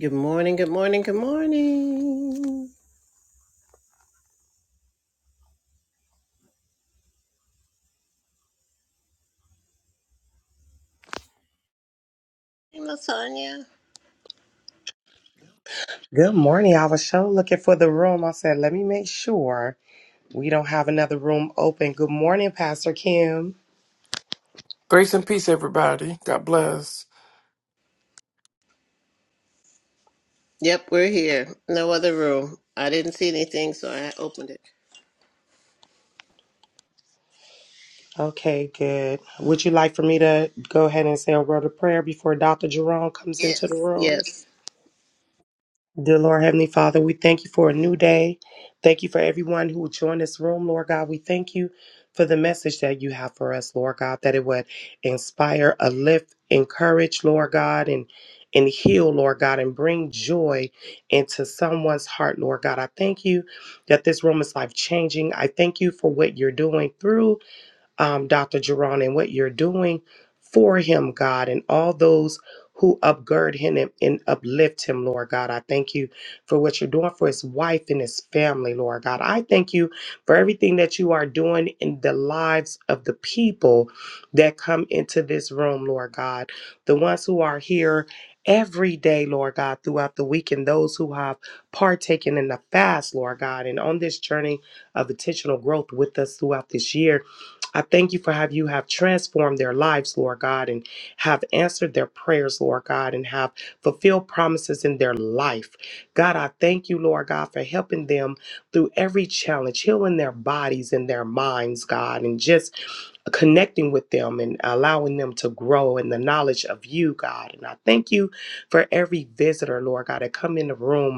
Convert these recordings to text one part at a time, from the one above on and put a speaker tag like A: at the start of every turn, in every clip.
A: Good morning, good morning, good morning. Hey, Lasagna.
B: Good morning. I was sure looking for the room. I said, let me make sure we don't have another room open. Good morning, Pastor Kim.
C: Grace and peace, everybody. God bless.
A: Yep, we're here. No other room. I didn't see anything, so I opened it.
B: Okay, good. Would you like for me to go ahead and say a word of prayer before Dr. Jerome comes
A: Yes.
B: into the room?
A: Yes.
B: Dear Lord Heavenly Father, we thank you for a new day. Thank you for everyone who will join this room, Lord God. We thank you for the message that you have for us, Lord God, that it would inspire, uplift, encourage, Lord God, and and heal, Lord God, and bring joy into someone's heart, Lord God. I thank you that this room is life changing. I thank you for what you're doing through um, Dr. Jerron, and what you're doing for him, God, and all those who upgird him and, and uplift him, Lord God. I thank you for what you're doing for his wife and his family, Lord God. I thank you for everything that you are doing in the lives of the people that come into this room, Lord God. The ones who are here every day, Lord God, throughout the week, and those who have partaken in the fast, Lord God, and on this journey of intentional growth with us throughout this year. I thank you for how you have transformed their lives, Lord God, and have answered their prayers, Lord God, and have fulfilled promises in their life. God, I thank you, Lord God, for helping them through every challenge, healing their bodies and their minds, God, and just connecting with them and allowing them to grow in the knowledge of you, God. And I thank you for every visitor, Lord God, that come in the room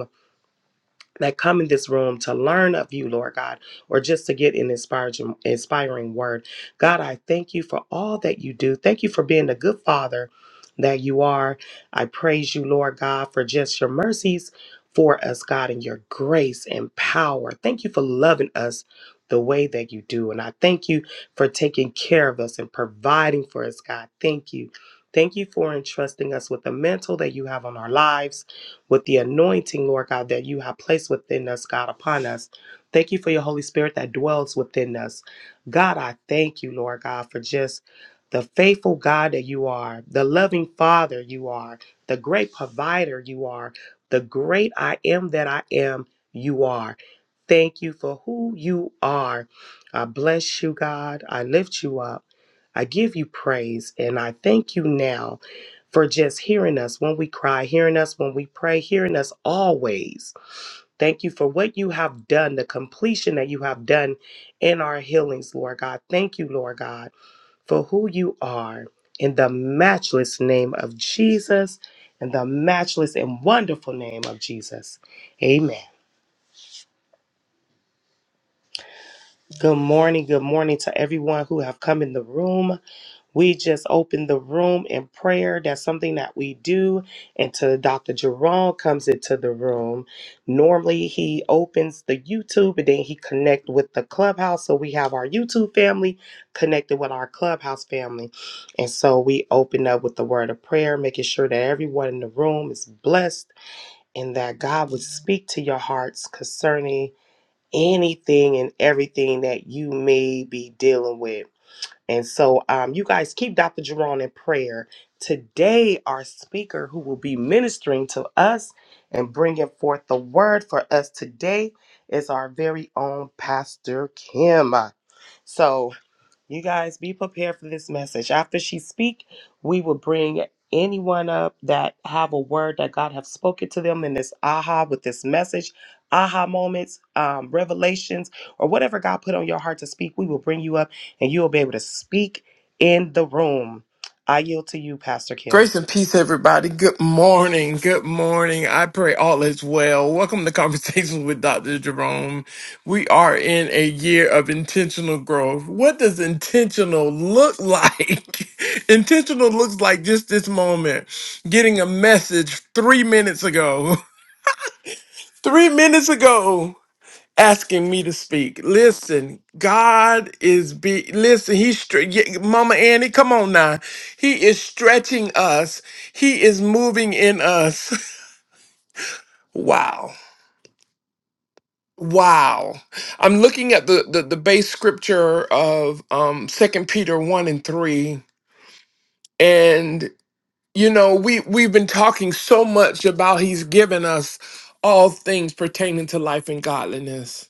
B: that come in this room to learn of you, Lord God, or just to get an inspiring, inspiring word. God, I thank you for all that you do. Thank you for being the good father that you are. I praise you, Lord God, for just your mercies for us, God, and your grace and power. Thank you for loving us the way that you do. And I thank you for taking care of us and providing for us, God. Thank you. Thank you for entrusting us with the mantle that you have on our lives with the anointing, Lord God, that you have placed within us, God, upon us. Thank you for your Holy Spirit that dwells within us. God, I thank you, Lord God, for just the faithful God that you are, the loving Father you are, the great provider you are, the great I am that I am you are. Thank you for who you are. I bless you, God. I lift you up. I give you praise and I thank you now for just hearing us when we cry, hearing us when we pray, hearing us always. Thank you for what you have done, the completion that you have done in our healings, Lord God. Thank you, Lord God, for who you are. In the matchless name of Jesus, in the matchless and wonderful name of Jesus. Amen. Good morning. Good morning to everyone who have come in the room. We just open the room in prayer. That's something that we do. Until Dr. Jerome comes into the room. Normally he opens the YouTube and then he connect with the clubhouse. So we have our YouTube family connected with our clubhouse family. And so we open up with the word of prayer, making sure that everyone in the room is blessed and that God would speak to your hearts concerning anything and everything that you may be dealing with. And so, um, you guys keep Dr. Jerome in prayer. Today, our speaker who will be ministering to us and bringing forth the word for us today is our very own Pastor Kim. So, you guys be prepared for this message. After she speak, we will bring anyone up that have a word that God have spoken to them in this aha with this message, aha moments, um, revelations, or whatever God put on your heart to speak. We will bring you up, and you will be able to speak in the room. I yield to you, Pastor Kim.
C: Grace and peace, everybody. Good morning. Good morning. I pray all is well. Welcome to Conversations with Dr. Jerome. We are in a year of intentional growth. What does intentional look like? intentional looks like just this moment getting a message three minutes ago. Three minutes ago asking me to speak. Listen, God is be listen, he's stre- yeah, Mama Annie, come on now. He is stretching us. He is moving in us. Wow. Wow. I'm looking at the the, the base scripture of um Second Peter 1 and 3 and you know, we we've been talking so much about he's given us all things pertaining to life and godliness.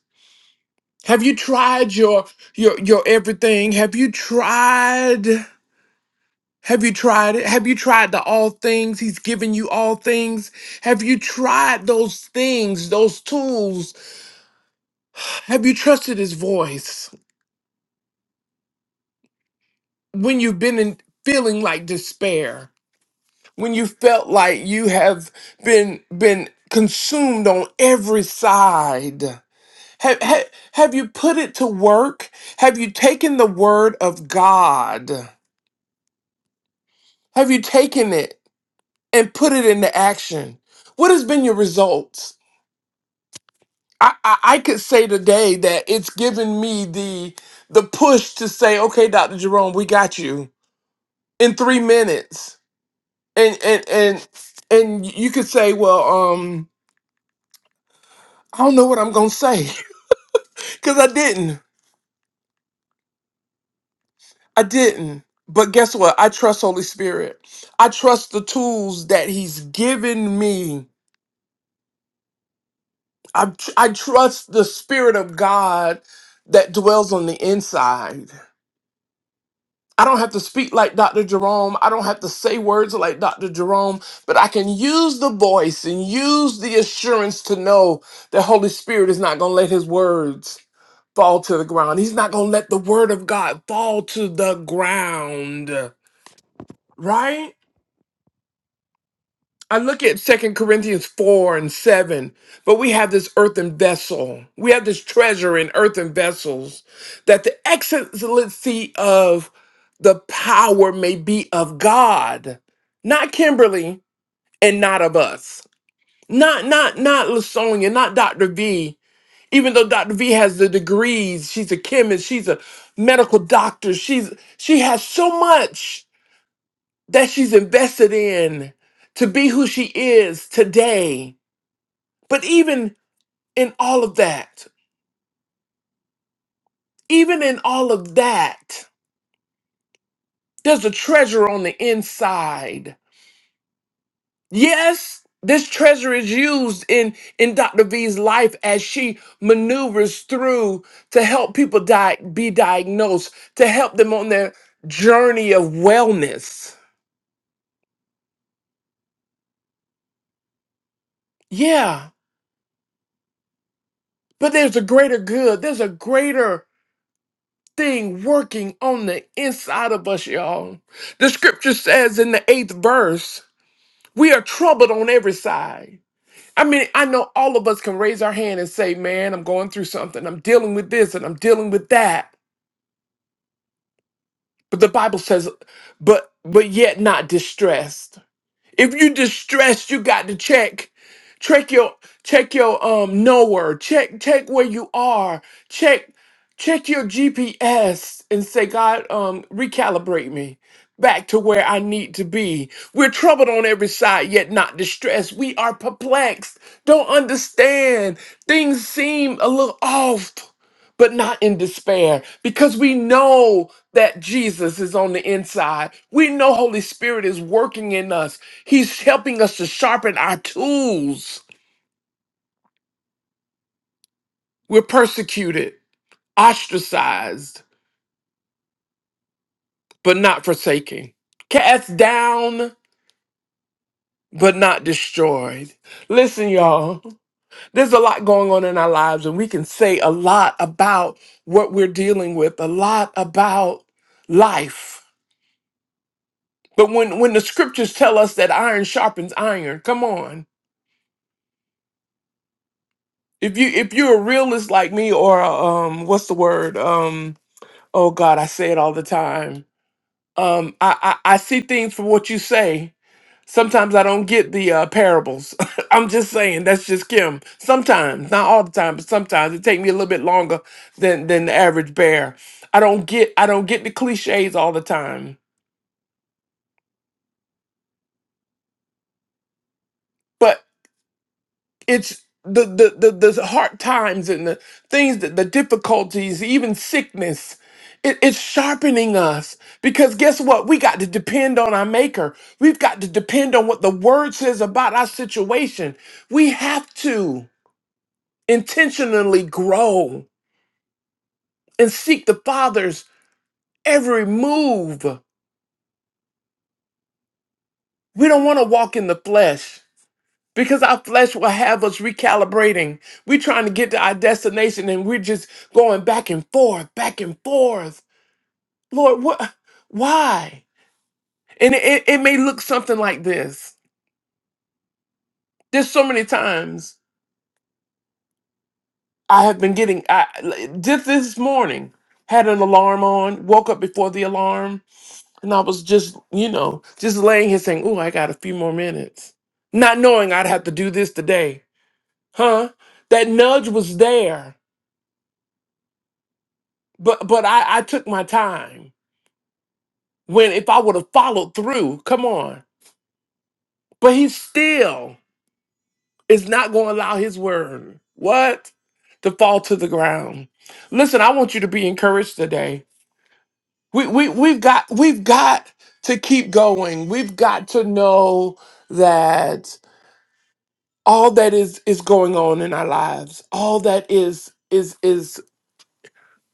C: Have you tried your your your everything? Have you tried have you tried it? Have you tried the all things? He's given you all things. Have you tried those things, those tools? Have you trusted his voice when you've been in feeling like despair? When you felt like you have been been consumed on every side? Have, have, have you put it to work? Have you taken the word of God? Have you taken it? and put it into action. What has been your results? I, I, I could say today that it's given me the the push to say, okay, Dr. Jerome, we got you in three minutes. And and and and you could say, well, um, I don't know what I'm gonna say. Cause I didn't. I didn't. But guess what? I trust Holy Spirit. I trust the tools that He's given me. I, tr- I trust the Spirit of God that dwells on the inside I don't have to speak like Dr. Jerome. I don't have to say words like Dr. Jerome, but I can use the voice and use the assurance to know that Holy Spirit is not going to let his words fall to the ground. He's not going to let the word of God fall to the ground, right? I look at Second Corinthians 4 and 7, but we have this earthen vessel. We have this treasure in earthen vessels, that the excellency of the power may be of God, not Kimberly and not of us. Not not not Lasonia, not Dr. V. Even though Dr. V has the degrees, she's a chemist, she's a medical doctor, she's she has so much that she's invested in to be who she is today. But even in all of that, even in all of that, there's a treasure on the inside. Yes, this treasure is used in, in Dr. V's life as she maneuvers through to help people di- be diagnosed, to help them on their journey of wellness. Yeah, but there's a greater good, there's a greater thing working on the inside of us, y'all. The scripture says in the eighth verse, we are troubled on every side. I mean, I know all of us can raise our hand and say, man, I'm going through something. I'm dealing with this and I'm dealing with that. But the Bible says, but but yet not distressed. If you distressed, you got to check. Check your check your um nowhere. Check check where you are. Check check your GPS and say, God, um, recalibrate me back to where I need to be. We're troubled on every side, yet not distressed. We are perplexed, don't understand. Things seem a little off, but not in despair, because we know that Jesus is on the inside. We know Holy Spirit is working in us. He's helping us to sharpen our tools. We're persecuted, ostracized, but not forsaken, cast down, but not destroyed. Listen, y'all, there's a lot going on in our lives, and we can say a lot about what we're dealing with, a lot about life. But when, when the scriptures tell us that iron sharpens iron, come on. If you if you're a realist like me or a, um what's the word? Um oh god, I say it all the time Um, I, I I see things for what you say. Sometimes I don't get the uh, parables. I'm just saying that's just Kim. Sometimes, not all the time, but sometimes it take me a little bit longer than than the average bear. I don't get I don't get the cliches all the time. it's the the the, the hard times and the things that the difficulties even sickness it, it's sharpening us because guess what we got to depend on our maker we've got to depend on what the word says about our situation we have to intentionally grow and seek the father's every move we don't want to walk in the flesh because our flesh will have us recalibrating. We're trying to get to our destination and we're just going back and forth, back and forth. Lord, what? Why? And it, it it may look something like this. There's so many times I have been getting, I just this morning had an alarm on, woke up before the alarm, and I was just, you know, just laying here saying, "Oh, I got a few more minutes," not knowing I'd have to do this today, huh? That nudge was there But but I, I took my time. When if I would have followed through, come on. But he still is not going to allow his word. What? To fall to the ground. Listen, I want you to be encouraged today. We we we've got we've got to keep going. We've got to know that all that is is going on in our lives, all that is is is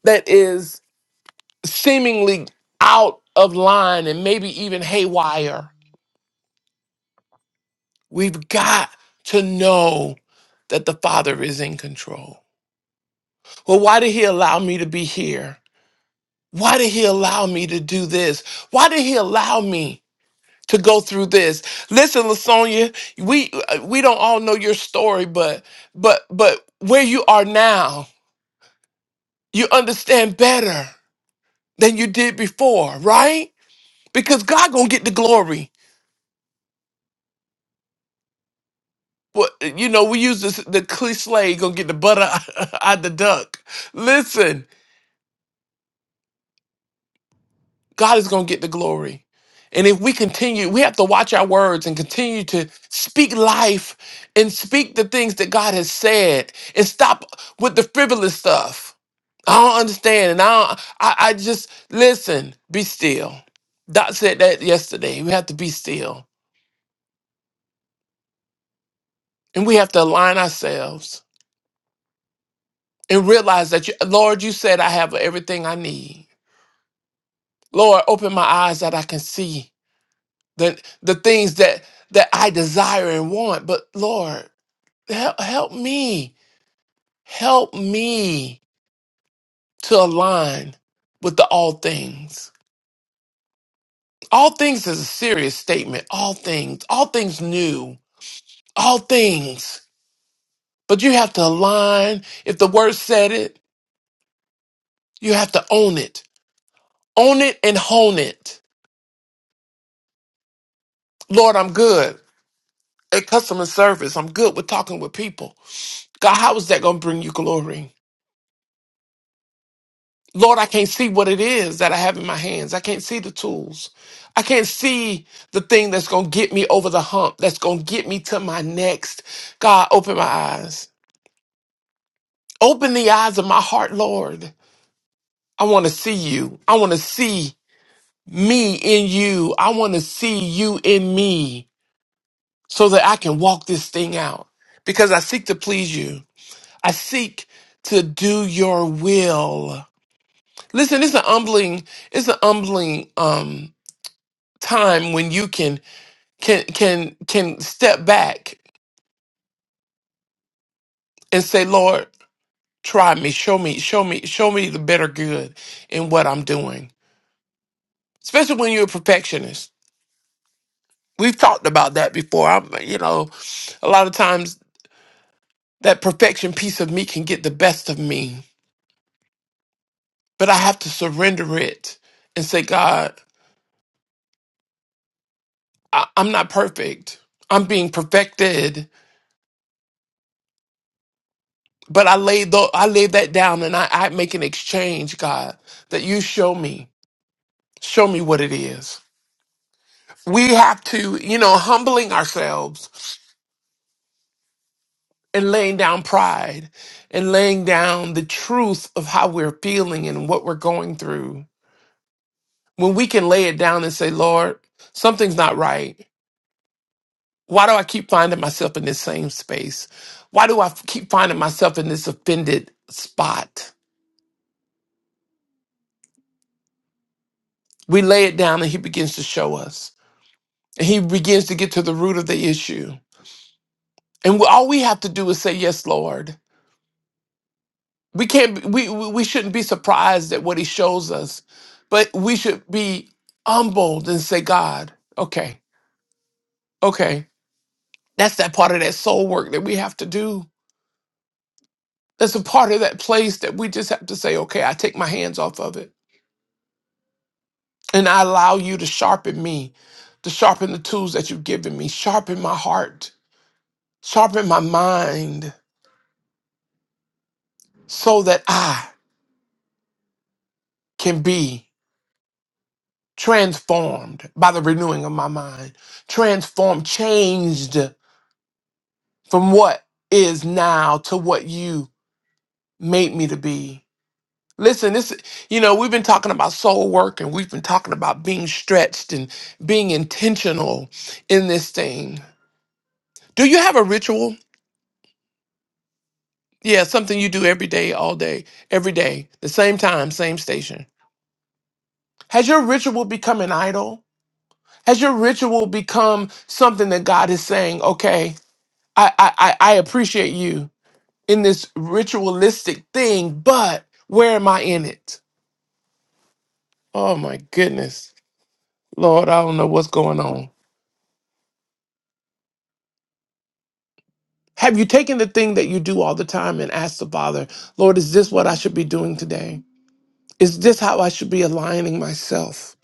C: that is seemingly out of line and maybe even haywire We've got to know that the Father is in control. Well, why did He allow me to be here? Why did He allow me to do this? Why did He allow me to go through this? Listen, Lasonia, we uh, we don't all know your story, but but but where you are now, you understand better than you did before, right? Because God gonna get the glory. What you know, we use this the cliche, gonna get the butter out the duck. Listen, God is going to get the glory. And if we continue, we have to watch our words and continue to speak life and speak the things that God has said and stop with the frivolous stuff. I don't understand. And I, don't, I, I just listen, be still. Doc said that yesterday. We have to be still and we have to align ourselves and realize that, you, Lord, you said I have everything I need. Lord, open my eyes that I can see the the things that that I desire and want. But Lord, help help me, help me to align with the all things. All things is a serious statement. All things, all things new, all things. But you have to align. If the word said it, you have to own it. Own it and hone it. Lord, I'm good at customer service. I'm good with talking with people. God, how is that going to bring you glory? Lord, I can't see what it is that I have in my hands. I can't see the tools. I can't see the thing that's going to get me over the hump, that's going to get me to my next. God, open my eyes. Open the eyes of my heart, Lord. I want to see you. I want to see me in you. I want to see you in me so that I can walk this thing out because I seek to please you. I seek to do your will. Listen, it's an humbling, it's an humbling, um, time when you can can can can step back and say, Lord, try me, show me, show me, show me the better good in what I'm doing. Especially when you're a perfectionist. We've talked about that before. I'm you know, a lot of times that perfection piece of me can get the best of me. But I have to surrender it and say, God, I, I'm not perfect. I'm being perfected. But I lay the I lay that down and I, I make an exchange, God, that you show me. Show me what it is. We have to, you know, humbling ourselves and laying down pride and laying down the truth of how we're feeling and what we're going through. When we can lay it down and say, Lord, something's not right. Why do I keep finding myself in this same space? Why do I f- keep finding myself in this offended spot? We lay it down and He begins to show us. And He begins to get to the root of the issue. And we- all we have to do is say, Yes, Lord. we can't we we we shouldn't be surprised at what he shows us but we should be humbled and say god okay okay that's that part of that soul work that we have to do that's a part of that place that we just have to say okay i take my hands off of it and i allow you to sharpen me to sharpen the tools that you've given me sharpen my heart sharpen my mind so that i can be transformed by the renewing of my mind transformed changed from what is now to what you made me to be. Listen, this you know, we've been talking about soul work and we've been talking about being stretched and being intentional in this thing. Do you have a ritual? Yeah, something you do every day, all day, every day, the same time, same station. Has your ritual become an idol? Has your ritual become something that God is saying, okay, I I, I I appreciate you in this ritualistic thing, but where am I in it? Oh my goodness. Lord, I don't know what's going on. Have you taken the thing that you do all the time and asked the Father, Lord, is this what I should be doing today? Is this how I should be aligning myself?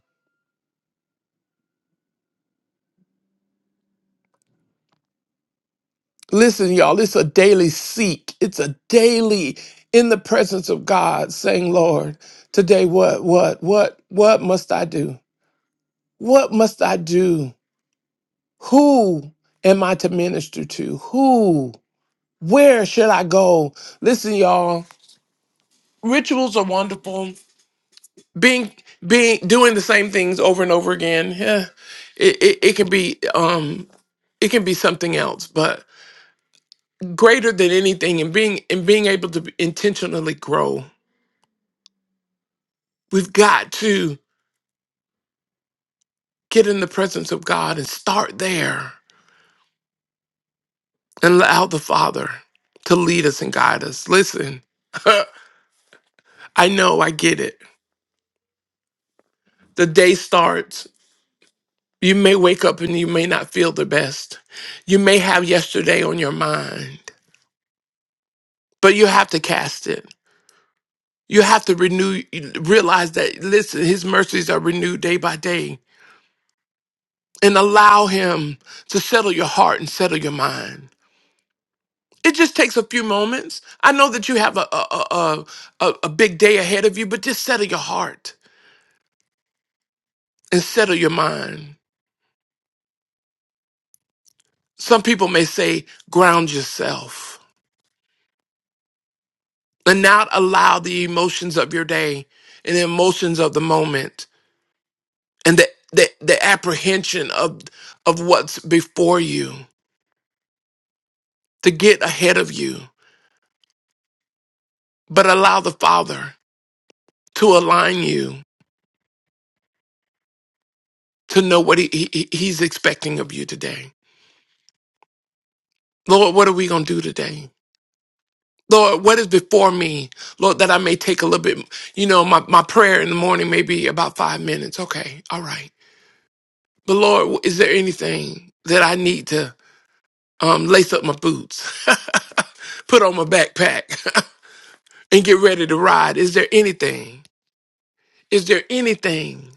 C: Listen, y'all, it's a daily seek. It's a daily in the presence of God saying, Lord, today what, what, what, what must I do? What must I do? Who am I to minister to? Who? Where should I go? Listen, y'all, rituals are wonderful being being doing the same things over and over again yeah it, it, it can be um it can be something else but greater than anything and being and being able to intentionally grow we've got to get in the presence of god and start there and allow the father to lead us and guide us listen i know i get it the day starts you may wake up and you may not feel the best you may have yesterday on your mind but you have to cast it You have to renew, realize that, listen, his mercies are renewed day by day and allow him to settle your heart and settle your mind. It just takes a few moments. I know that you have a, a, a, a, a big day ahead of you, but just settle your heart and settle your mind. Some people may say, ground yourself and not allow the emotions of your day and the emotions of the moment and the, the, the apprehension of, of what's before you to get ahead of you but allow the Father to align you to know what he, he, He's expecting of you today. Lord, what are we going to do today? Lord, what is before me? Lord, that I may take a little bit, you know, my, my prayer in the morning may be about five minutes. Okay, all right. But Lord, is there anything that I need to um, lace up my boots, put on my backpack, and get ready to ride? Is there anything? Is there anything?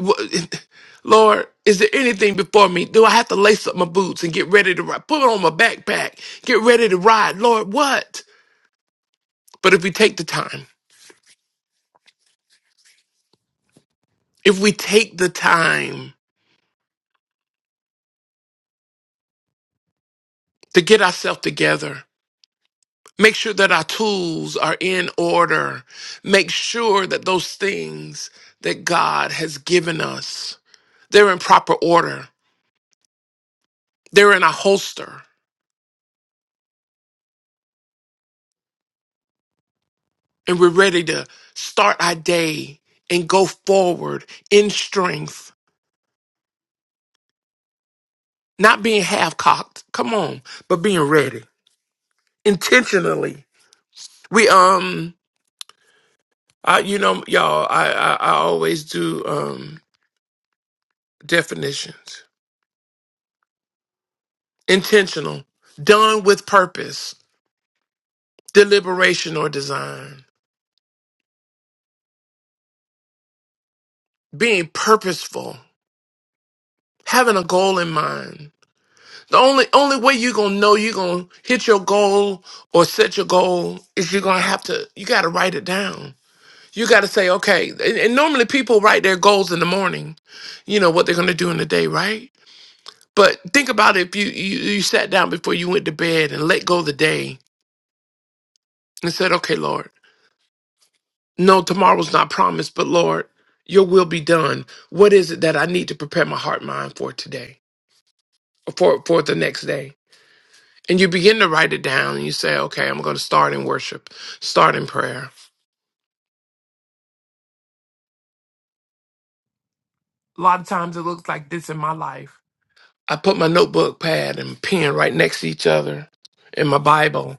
C: Wha- Lord, is there anything before me? Do I have to lace up my boots and get ready to ride? Put on my backpack, get ready to ride. Lord, what? But if we take the time, if we take the time to get ourselves together, make sure that our tools are in order, make sure that those things that God has given us, they're in proper order, they're in a holster, and we're ready to start our day and go forward in strength Not being half cocked. Come on, but being ready intentionally. We um, I you know y'all, I I, I always do um definitions. Intentional, done with purpose, deliberation or design, being purposeful, having a goal in mind. The only only way you're gonna know you're gonna hit your goal or set your goal is you're gonna have to you gotta write it down You got to say, okay. And, and normally people write their goals in the morning, you know, what they're going to do in the day, right? But think about if you, you, you sat down before you went to bed and let go of the day and said, okay, Lord, no, tomorrow's not promised, but Lord, your will be done. What is it that I need to prepare my heart and mind for today, for, for the next day? And you begin to write it down and you say, okay, I'm going to start in worship, start in prayer. A lot of times it looks like this in my life I put my notebook pad and pen right next to each other and my Bible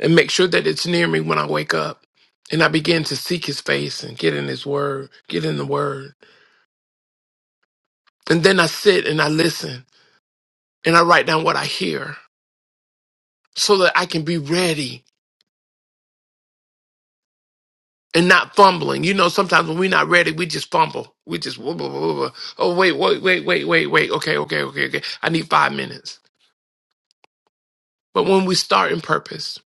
C: and make sure that it's near me when I wake up. And I begin to seek his face and get in his word, get in the word. And then I sit and I listen and I write down what I hear so that I can be ready and not fumbling. You know, sometimes when we're not ready, we just fumble. We just, whoa, whoa, whoa, whoa. oh, wait, wait, wait, wait, wait, wait. Okay, okay, okay, okay. I need five minutes. But when we start in purpose,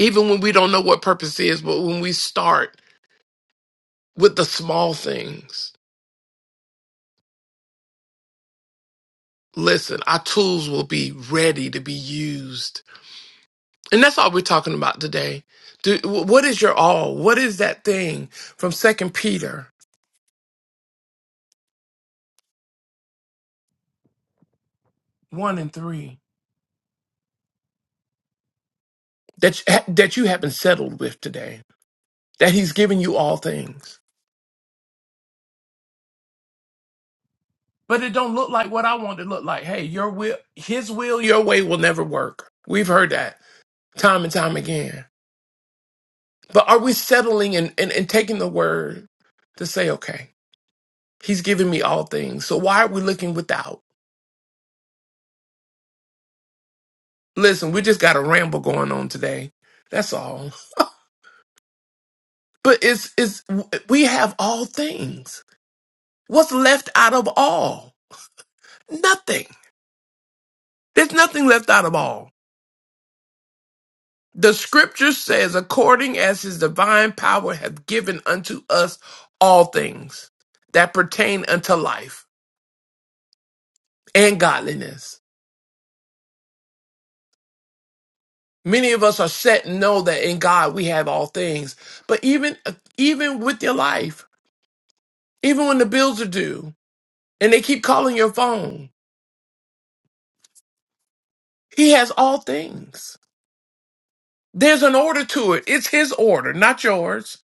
C: even when we don't know what purpose is, but when we start, with the small things. Listen, our tools will be ready to be used. And that's all we're talking about today. Do, what is your all? What is that thing from Second Peter 1 and 3 that, you- that you haven't settled with today? That he's given you all things. But it don't look like what I want it to look like. Hey, your will, his will, your way will never work. We've heard that time and time again. But are we settling and, and, and taking the word to say, okay, He's given me all things. So why are we looking without? Listen, we just got a ramble going on today. That's all. But it's it's we have all things. What's left out of all? Nothing. There's nothing left out of all. The scripture says, according as his divine power hath given unto us all things that pertain unto life and godliness. Many of us are set and know that in God we have all things. But even even with your life, even when the bills are due and they keep calling your phone. He has all things. There's an order to it. It's his order, not yours.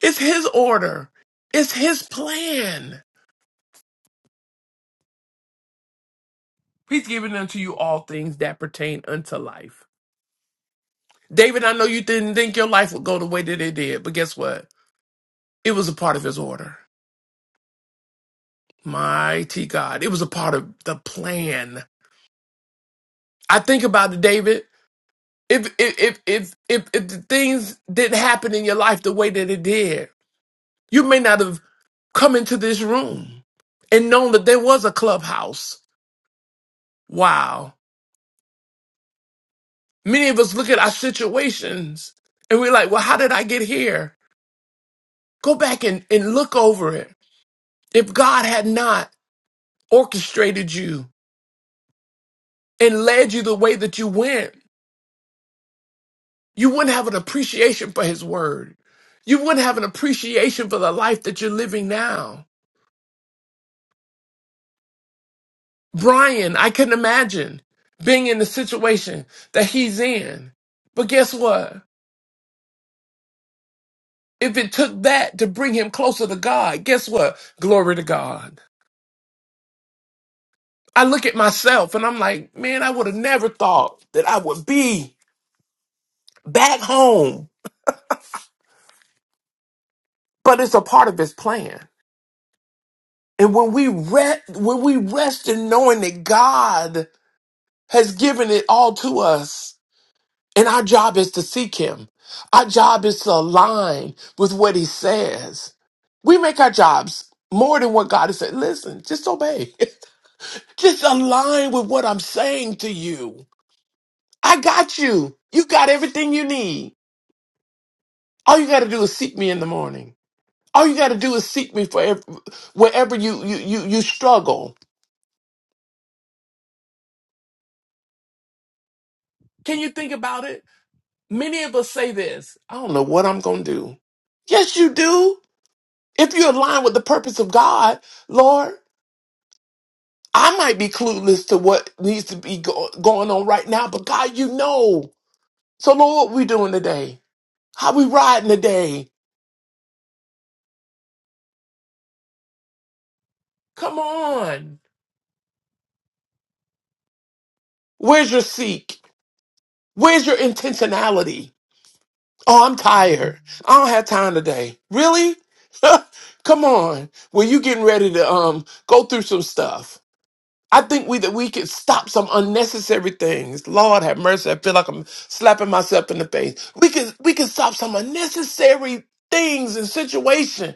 C: It's his order. It's his plan. He's given unto you all things that pertain unto life. David, I know you didn't think your life would go the way that it did, but guess what? It was a part of his order. Mighty God. It was a part of the plan. I think about it, David. If if if if if, if the things didn't happen in your life the way that it did, You may not have come into this room and known that there was a clubhouse. Wow. Many of us look at our situations and we're like, well, how did I get here? Go back and, and look over it. If God had not orchestrated you and led you the way that you went, you wouldn't have an appreciation for his word. You wouldn't have an appreciation for the life that you're living now. Brian, I couldn't imagine being in the situation that he's in. But guess what? If it took that to bring him closer to God, guess what? Glory to God. I look at myself and I'm like, man, I would have never thought that I would be back home, but it's a part of his plan. And when we rest, when we rest in knowing that God has given it all to us, and our job is to seek him. Our job is to align with what he says. We make our jobs more than what God has said. Listen, just obey. Just align with what I'm saying to you. I got you. You got everything you need. All you got to do is seek me in the morning. All you got to do is seek me for ev- wherever you, you you you struggle. Can you think about it? Many of us say this. I don't know what I'm going to do. Yes, you do. If you align with the purpose of God, Lord, I might be clueless to what needs to be go- going on right now, but God, you know. So, Lord, what we doing today? How we riding today? Come on. Where's your seek? Where's your intentionality? Oh, I'm tired. I don't have time today. Really? Come on. Well, you getting ready to um go through some stuff. I think we that we could stop some unnecessary things. Lord have mercy. I feel like I'm slapping myself in the face. We can we can stop some unnecessary things and situation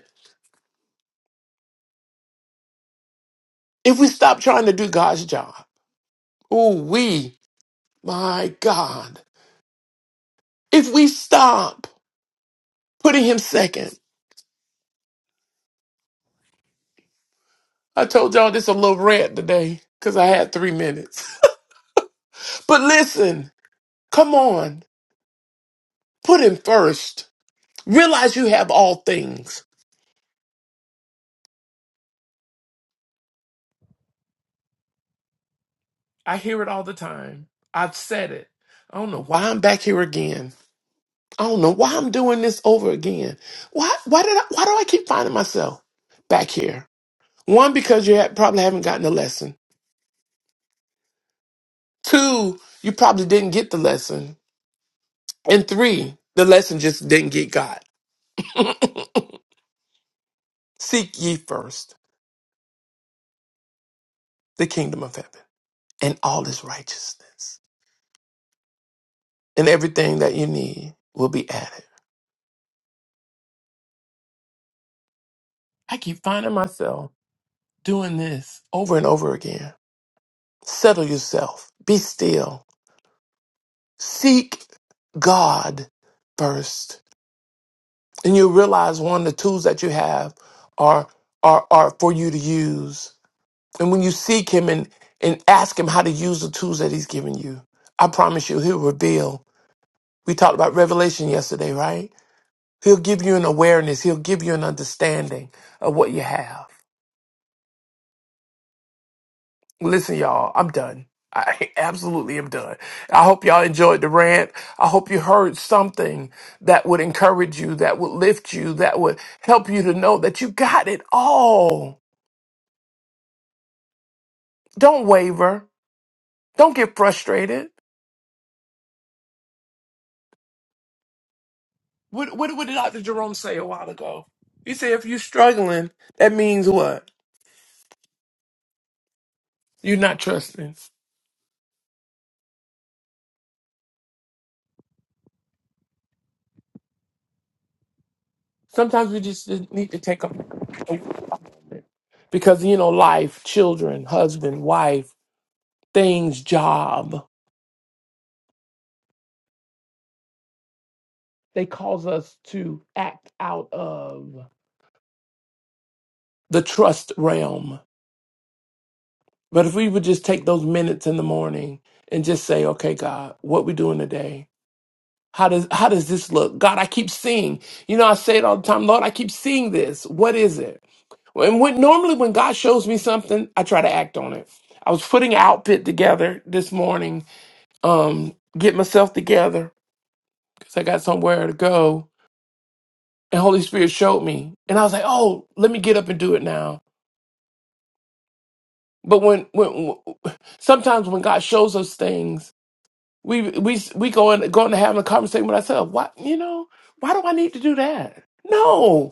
C: if we stop trying to do God's job. Oh, we, my God. If we stop putting him second I told y'all this a little rant today because I had three minutes. But listen, come on, put him first. Realize you have all things. I hear it all the time. I've said it. I don't know why I'm back here again. I don't know why I'm doing this over again. Why? Why did? I, why do I keep finding myself back here? One, because you ha- probably haven't gotten a lesson. Two, you probably didn't get the lesson. And three, the lesson just didn't get got. Seek ye first the kingdom of heaven. and all his righteousness, and everything that you need will be added. I keep finding myself doing this over and over again. Settle yourself, be still, seek God first, and you realize one of the tools that you have are are are for you to use. And when you seek Him and and ask Him how to use the tools that He's given you, I promise you, He'll reveal. We talked about revelation yesterday, right? He'll give you an awareness. He'll give you an understanding of what you have. Listen, y'all, I'm done. I absolutely am done. I hope y'all enjoyed the rant. I hope you heard something that would encourage you, that would lift you, that would help you to know that you got it all. Don't waver. Don't get frustrated. What, what, what did Dr. Jerome say a while ago? He said, if you're struggling, that means what? You're not trusting. Sometimes we just need to take a, a moment because you know, life, children, husband, wife, things, job, they cause us to act out of the trust realm. But if we would just take those minutes in the morning and just say, "Okay, God, what we doing today? How does how does this look? God, I keep seeing. You know, I say it all the time, Lord, I keep seeing this. What is it? And when normally when God shows me something, I try to act on it. I was putting an outfit together this morning, um, get myself together because I got somewhere to go. And Holy Spirit showed me, and I was like, "Oh, let me get up and do it now." But when when sometimes when God shows us things, we we we go in go into having a conversation with ourselves. Why you know why do I need to do that? No,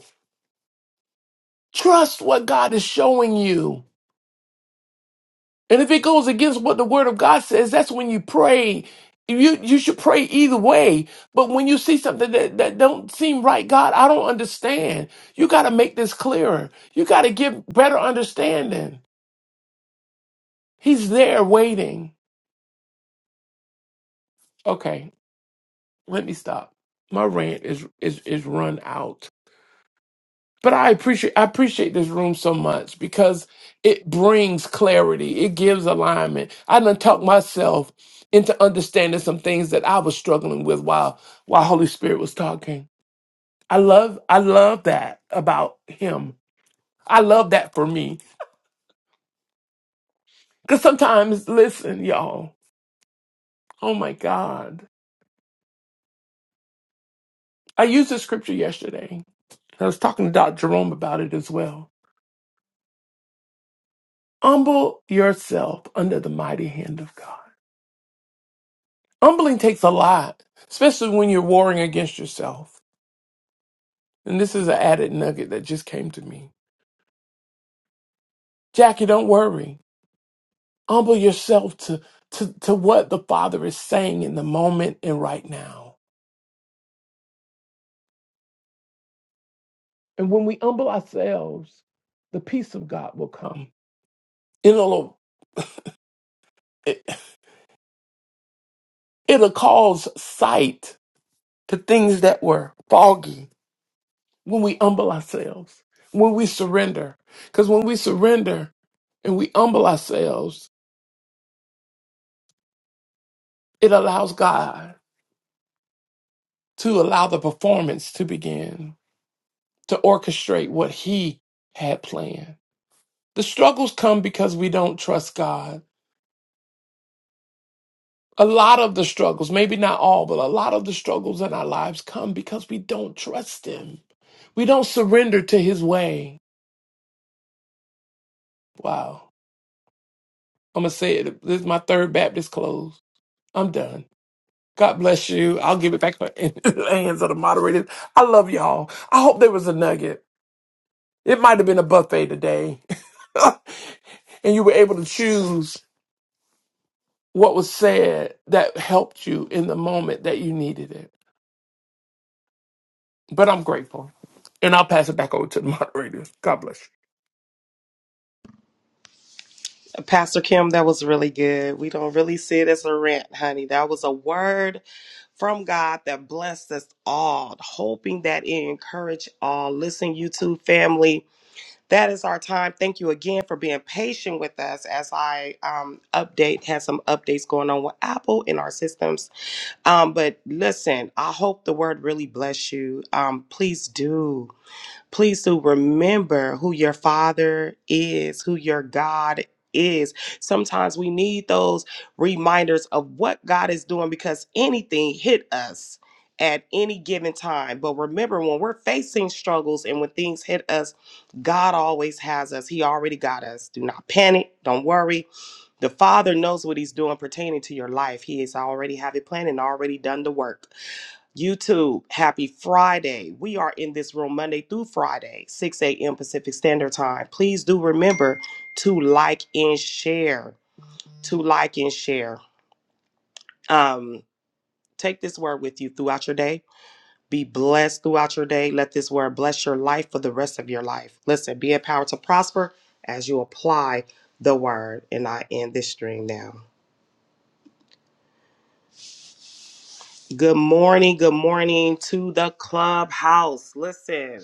C: Trust what God is showing you. And if it goes against what the word of God says, that's when you pray. You you should pray either way. But when you see something that, that don't seem right, God, I don't understand. You gotta make this clearer. You gotta give better understanding. He's there waiting. Okay, let me stop. My rant is is is run out. But I appreciate I appreciate this room so much because it brings clarity. It gives alignment. I done talked myself into understanding some things that I was struggling with while while Holy Spirit was talking. I love I love that about him. I love that for me. Cause sometimes, listen, y'all. Oh my God. I used this scripture yesterday. I was talking to Dr. Jerome about it as well. Humble yourself under the mighty hand of God Humbling takes a lot, especially when you're warring against yourself. And this is an added nugget that just came to me. Jackie, don't worry. Humble yourself to, to, to what the Father is saying in the moment and right now. And when we humble ourselves, the peace of God will come. It'll, it, it'll cause sight to things that were foggy when we humble ourselves, when we surrender. Because when we surrender and we humble ourselves, It allows God to allow the performance to begin, to orchestrate what He had planned. The struggles come because we don't trust God. A lot of the struggles, maybe not all, but a lot of the struggles in our lives come because we don't trust Him. We don't surrender to His way. Wow. I'm going to say it. This is my third Baptist close. I'm done. God bless you. I'll give it back in the hands of the moderators. I love y'all. I hope there was a nugget. It might have been a buffet today. and you were able to choose what was said that helped you in the moment that you needed it. But I'm grateful. And I'll pass it back over to the moderator. God bless you.
B: Pastor Kim, that was really good. We don't really see it as a rant, honey. That was a word from God that blessed us all, hoping that it encourage all. Listen, YouTube family, that is our time. Thank you again for being patient with us as I um, update, had some updates going on with Apple in our systems. Um, but listen, I hope the word really bless you. Um, please do. Please do remember who your father is, who your God is. Sometimes we need those reminders of what God is doing because anything hit us at any given time. But remember, when we're facing struggles and when things hit us, God always has us. He already got us. Do not panic. Don't worry. The Father knows what He's doing pertaining to your life. He has already have it planned and already done the work. YouTube, happy Friday. We are in this room Monday through Friday, 6 a.m. Pacific Standard Time. Please do remember to like and share. To like and share. Um, take this word with you throughout your day. Be blessed throughout your day. Let this word bless your life for the rest of your life. Listen, be empowered to prosper as you apply the word. And I end this stream now. Good morning. Good morning to the clubhouse. Listen.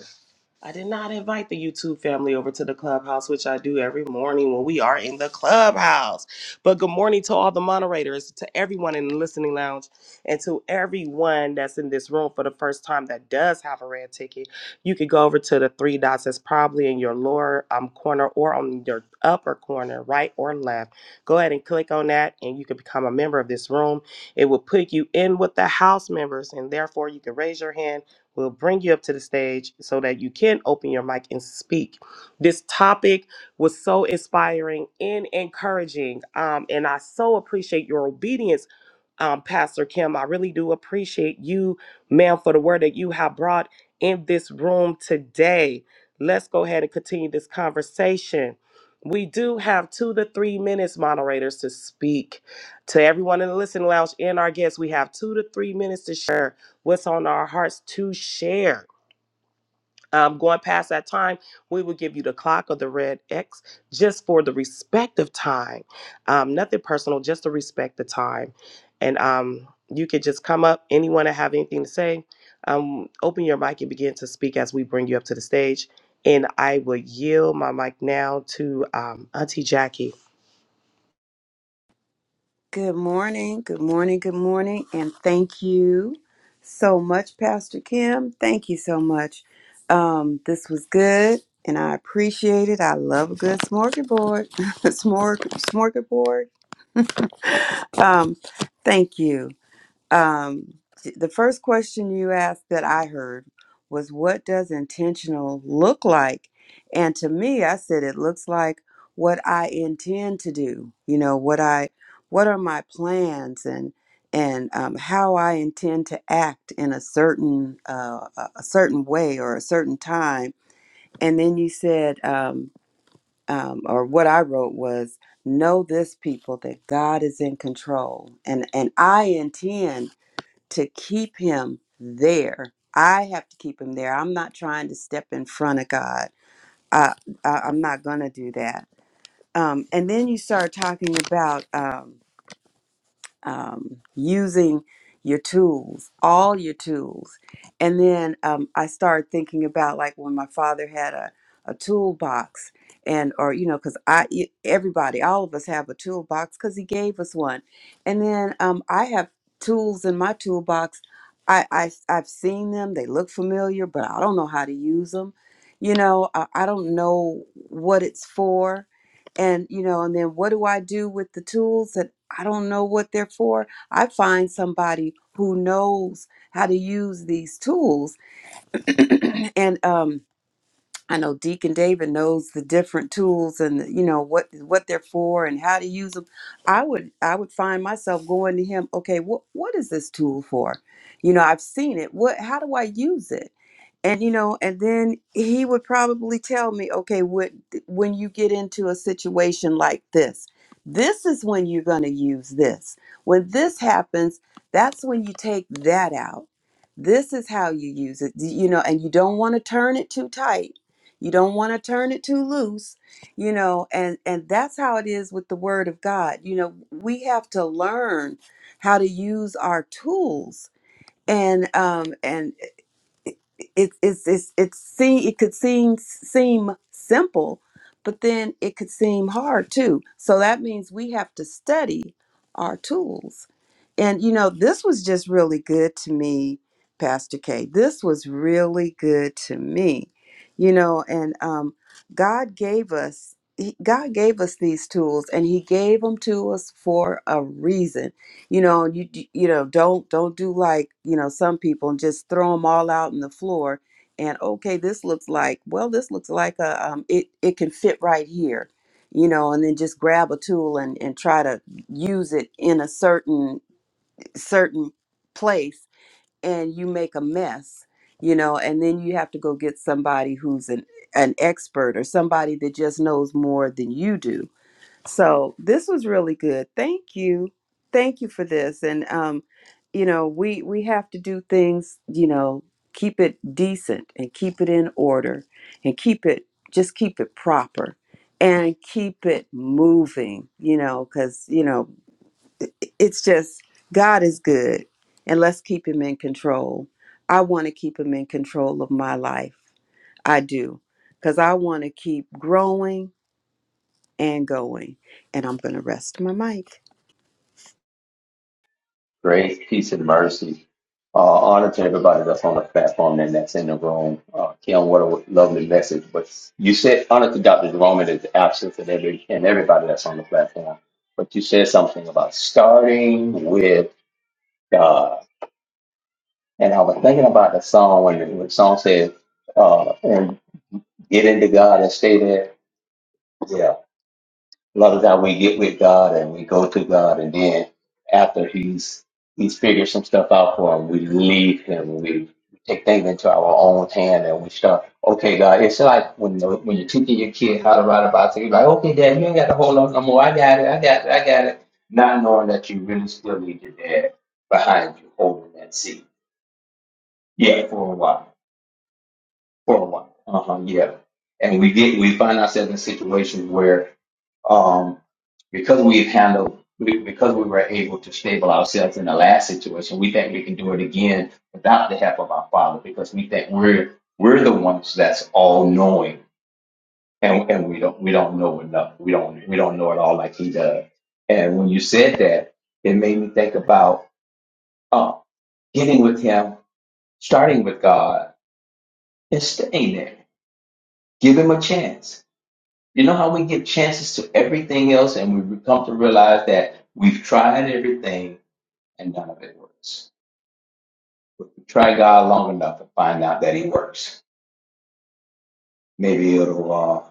B: I did not invite the YouTube family over to the clubhouse, which I do every morning when we are in the clubhouse. But good morning to all the moderators, to everyone in the listening lounge, and to everyone that's in this room for the first time that does have a red ticket. You could go over to the three dots that's probably in your lower um, corner or on your upper corner, right or left. Go ahead and click on that, and you can become a member of this room. It will put you in with the house members, and therefore you can raise your hand We'll bring you up to the stage so that you can open your mic and speak. This topic was so inspiring and encouraging, um, and I so appreciate your obedience um, Pastor Kim. I really do appreciate you, ma'am, for the word that you have brought in this room today. Let's go ahead and continue this conversation. We do have two to three minutes, moderators, to speak to everyone in the listening lounge and our guests. We have two to three minutes to share what's on our hearts to share um, going past that time, we will give you the clock or the red X just for the respect of time. Um, nothing personal, just to respect the time. And um, you could just come up, anyone that have anything to say, um, open your mic and begin to speak as we bring you up to the stage. And I will yield my mic now to um, Auntie Jackie.
D: Good morning, good morning, good morning, and thank you so much, Pastor Kim. Thank you so much. Um, this was good, and I appreciate it. I love a good smorgasbord. Smorg- smorgasbord. Um, thank you. Um, th- the first question you asked that I heard was, What does intentional look like? And to me, I said, It looks like what I intend to do. You know, what I, what are my plans and, and um, how I intend to act in a certain, uh, a a certain way or a certain time. And then you said, um, um, or what I wrote was, know this people that God is in control and and I intend to keep him there. I have to keep him there. I'm not trying to step in front of God. I, I, I'm not going to do that. Um, and then you start talking about. Um, um, using your tools, all your tools. And then um, I started thinking about like when my father had a, a toolbox and or you know because i e- everybody all of us have a toolbox because he gave us one and then um, i have tools in my toolbox I, I i've seen them they look familiar but i don't know how to use them you know i, I don't know what it's for and you know and then what do i do with the tools that I don't know what they're for. I find somebody who knows how to use these tools. And um, I know Deacon David knows the different tools and you know what what they're for and how to use them. I would I would find myself going to him. Okay, what what is this tool for? You know, I've seen it. What? How do I use it? and you know and then he would probably tell me okay what when you get into a situation like this this is when you're going to use this when this happens that's when you take that out this is how you use it you know and you don't want to turn it too tight you don't want to turn it too loose you know and and that's how it is with the word of god you know we have to learn how to use our tools and um and." it it's it's it's see it could seem seem simple but then it could seem hard too so that means we have to study our tools and you know this was just really good to me pastor k this was really good to me you know and um god gave us he, god gave us these tools and he gave them to us for a reason you know and you you you know don't don't do like you know some people and just throw them all out on the floor and okay this looks like well this looks like a um, it it can fit right here you know and then just grab a tool and and try to use it in a certain certain place and you make a mess you know and then you have to go get somebody who's an an expert or somebody that just knows more than you do so this was really good. Thank you. Thank you for this. And um, you know, we we have to do things, you know, keep it decent and keep it in order and keep it just keep it proper and keep it moving, you know, cuz you know, i- it's just God is good and let's keep him in control. I want to keep him in control of my life. I do. Cuz I want to keep growing and going. And I'm going to rest my mic.
E: grace, peace, and mercy. Uh, honor to everybody that's on the platform and that's in the room. Uh, Kim, what a lovely message. But you said honor to Dr. Jerome and his absence and, every, and everybody that's on the platform. But you said something about starting with God. And I was thinking about the song when the, when the song said, uh, and get into God and stay there. Yeah. A lot of time we get with God and we go to God, and then after He's He's figured some stuff out for him, we leave Him. We take things into our own hand, and we start. Okay, God, it's like when the, when you're teaching your kid how to ride a bicycle. You're like, okay, Dad, you ain't got to hold on no more. I got it. I got it. I got it. Not knowing that you really still need your dad behind you holding that seat. Yeah, for a while. For a while. Uh huh. Yeah. And we get we find ourselves in situations where um, because we've handled, we- because we were able to stable ourselves in the last situation, we think we can do it again without the help of our Father, because we think we're we're the ones that's all knowing, and and we don't we don't know enough. We don't we don't know it all like He does. And when you said that, it made me think about uh, getting with Him, starting with God, and staying there. Give Him a chance You know how we give chances to everything else and we come to realize that we've tried everything and none of it works. We try God long enough to find out that He works. Maybe it'll uh,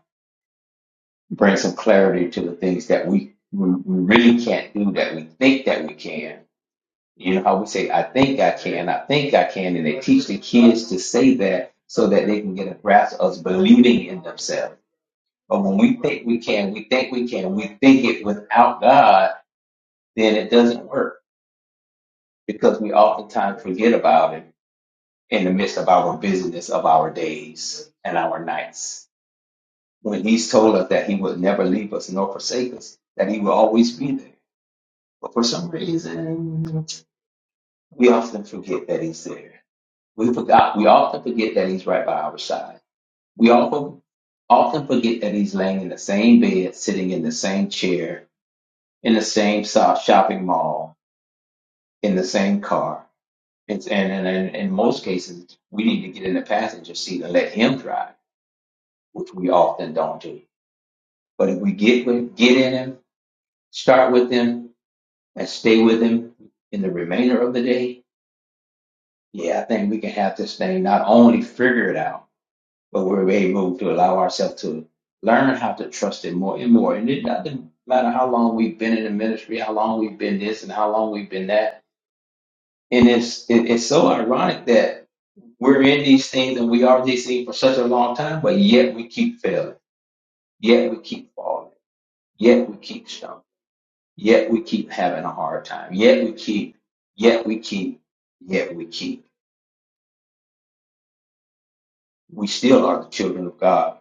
E: bring some clarity to the things that we, we really can't do that we think that we can. You know how we say, I think I can, I think I can, and they teach the kids to say that so that they can get a grasp of us believing in themselves. But when we think we can, we think we can, we think it without God, then it doesn't work because we oftentimes forget about it in the midst of our busyness of our days and our nights. When he's told us that he would never leave us nor forsake us, that he will always be there. But for some reason, we often forget that he's there. We forgot, we often forget that he's right by our side. We often, often forget that he's laying in the same bed, sitting in the same chair, in the same so- shopping mall, in the same car It's, and, and, and in most cases, we need to get in the passenger seat and let him drive, which we often don't do. But if we get with, get in him, start with him, and stay with him in the remainder of the day, yeah, I think we can have this thing not only figure it out, but we're able to allow ourselves to learn how to trust him more and more. And it doesn't matter how long we've been in the ministry, how long we've been this, and how long we've been that And it's it, it's so ironic that we're in these things and we are these things for such a long time, but yet we keep failing, yet we keep falling, yet we keep stumbling, yet we keep having a hard time, yet we keep, yet we keep, yet we keep. We still are the children of God.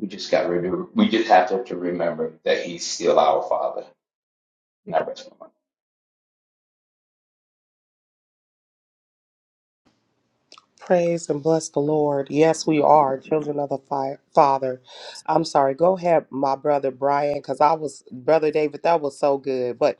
E: We just got rid of, we just have to, to remember that He's still our Father. And I rest my
B: Praise and bless the Lord. Yes, we are children of the fi- Father. I'm sorry. Go ahead, my brother Brian, because I was, brother David, that was so good. But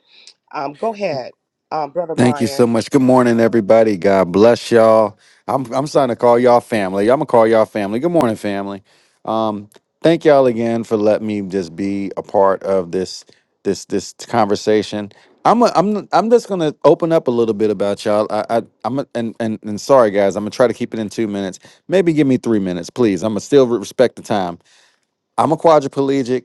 B: um, go ahead, um, brother
F: Thank you so
B: Brian.
F: much. Good morning, everybody. God bless y'all. I'm I'm starting to call y'all family. I'm gonna call y'all family. Good morning, family. Um, thank y'all again for letting me just be a part of this this this conversation. I'm a, I'm I'm just gonna open up a little bit about y'all. I, I I'm a, and, and and sorry guys, I'm gonna try to keep it in two minutes. Maybe give me three minutes, please. I'm gonna still respect the time. I'm a quadriplegic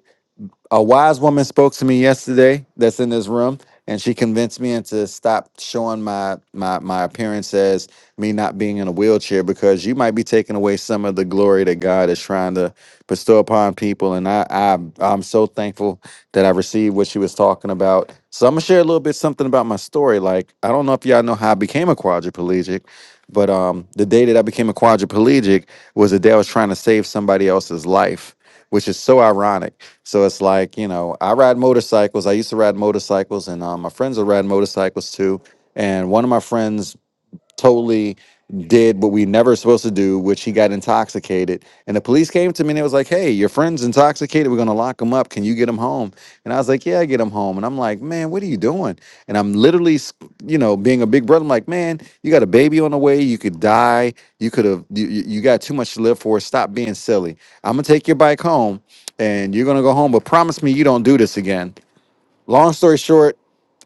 F: a wise woman spoke to me yesterday that's in this room and she convinced me into stop showing my my my appearance as me not being in a wheelchair because you might be taking away some of the glory that God is trying to bestow upon people and I I I'm so thankful that I received what she was talking about. So I'm going to share a little bit something about my story like I don't know if y'all know how I became a quadriplegic but um the day that I became a quadriplegic was the day I was trying to save somebody else's life which is so ironic. So it's like, you know, I ride motorcycles. I used to ride motorcycles, and um, my friends are riding motorcycles too. And one of my friends totally did what we never supposed to do, which he got intoxicated. And the police came to me and it was like, Hey, your friend's intoxicated. We're gonna lock him up. Can you get him home? And I was like, Yeah, I get him home. And I'm like, Man, what are you doing? And I'm literally, s- you know, being a big brother, I'm like, Man, you got a baby on the way. You could die. You could have, you, you you got too much to live for. Stop being silly. I'm gonna take your bike home and you're gonna go home, but promise me you don't do this again. Long story short,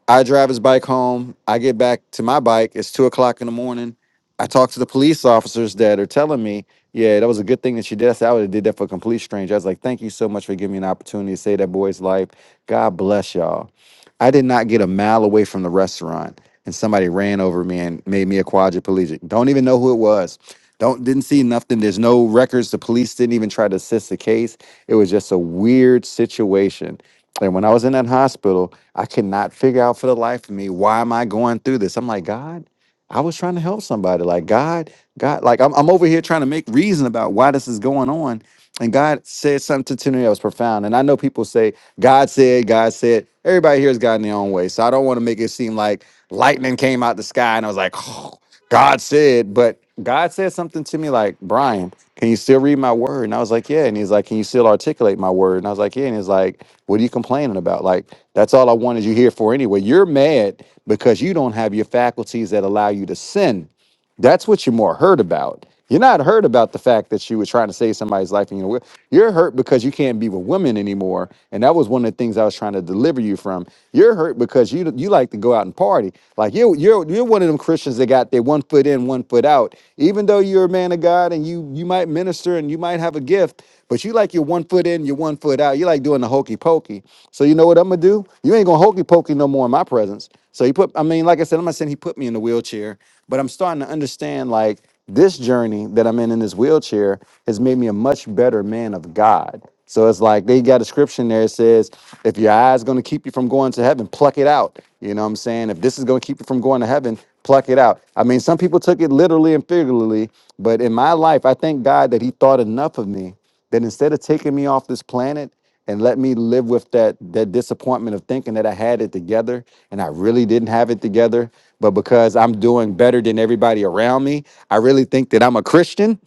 F: I drive his bike home. I get back to my bike. It's two o'clock in the morning. I talk to the police officers that are telling me, yeah, that was a good thing that she did. I said, I would have did that for a complete stranger. I was like, thank you so much for giving me an opportunity to save that boy's life. God bless y'all. I did not get a mile away from the restaurant and somebody ran over me and made me a quadriplegic. Don't even know who it was. Don't didn't see nothing. There's no records. The police didn't even try to assist the case. It was just a weird situation. And when I was in that hospital, I could not figure out for the life of me why am I going through this. I'm like, God, I was trying to help somebody. Like God, God, like I'm, I'm over here trying to make reason about why this is going on, and God said something to me that was profound. And I know people say, God said, God said. Everybody hears God in their own way. So I don't want to make it seem like lightning came out the sky and I was like, oh, God said. But God said something to me like, Brian, can you still read my word? And I was like, yeah. And he's like, can you still articulate my word? And I was like, yeah. And he's like, what are you complaining about? Like, that's all I wanted you here for anyway. You're mad because you don't have your faculties that allow you to sin. That's what you're more hurt about. You're not hurt about the fact that you were trying to save somebody's life and you know you're hurt because you can't be with women anymore. And that was one of the things I was trying to deliver you from. You're hurt because you you like to go out and party. Like you you're you're one of them Christians that got their one foot in, one foot out. Even though you're a man of God and you you might minister and you might have a gift, but you like your one foot in, your one foot out. You like doing the hokey pokey. So you know what I'm gonna do? You ain't gonna hokey pokey no more in my presence. So he put I mean, like I said, I'm not saying he put me in the wheelchair. But I'm starting to understand like this journey that I'm in in this wheelchair has made me a much better man of God. So it's like they got a scripture in there that says, if your eye's going to keep you from going to heaven, pluck it out. You know what I'm saying? If this is going to keep you from going to heaven, pluck it out. I mean, some people took it literally and figuratively, but in my life, I thank God that He thought enough of me that instead of taking me off this planet, and let me live with that that disappointment of thinking that I had it together and I really didn't have it together. But because I'm doing better than everybody around me, I really think that I'm a Christian.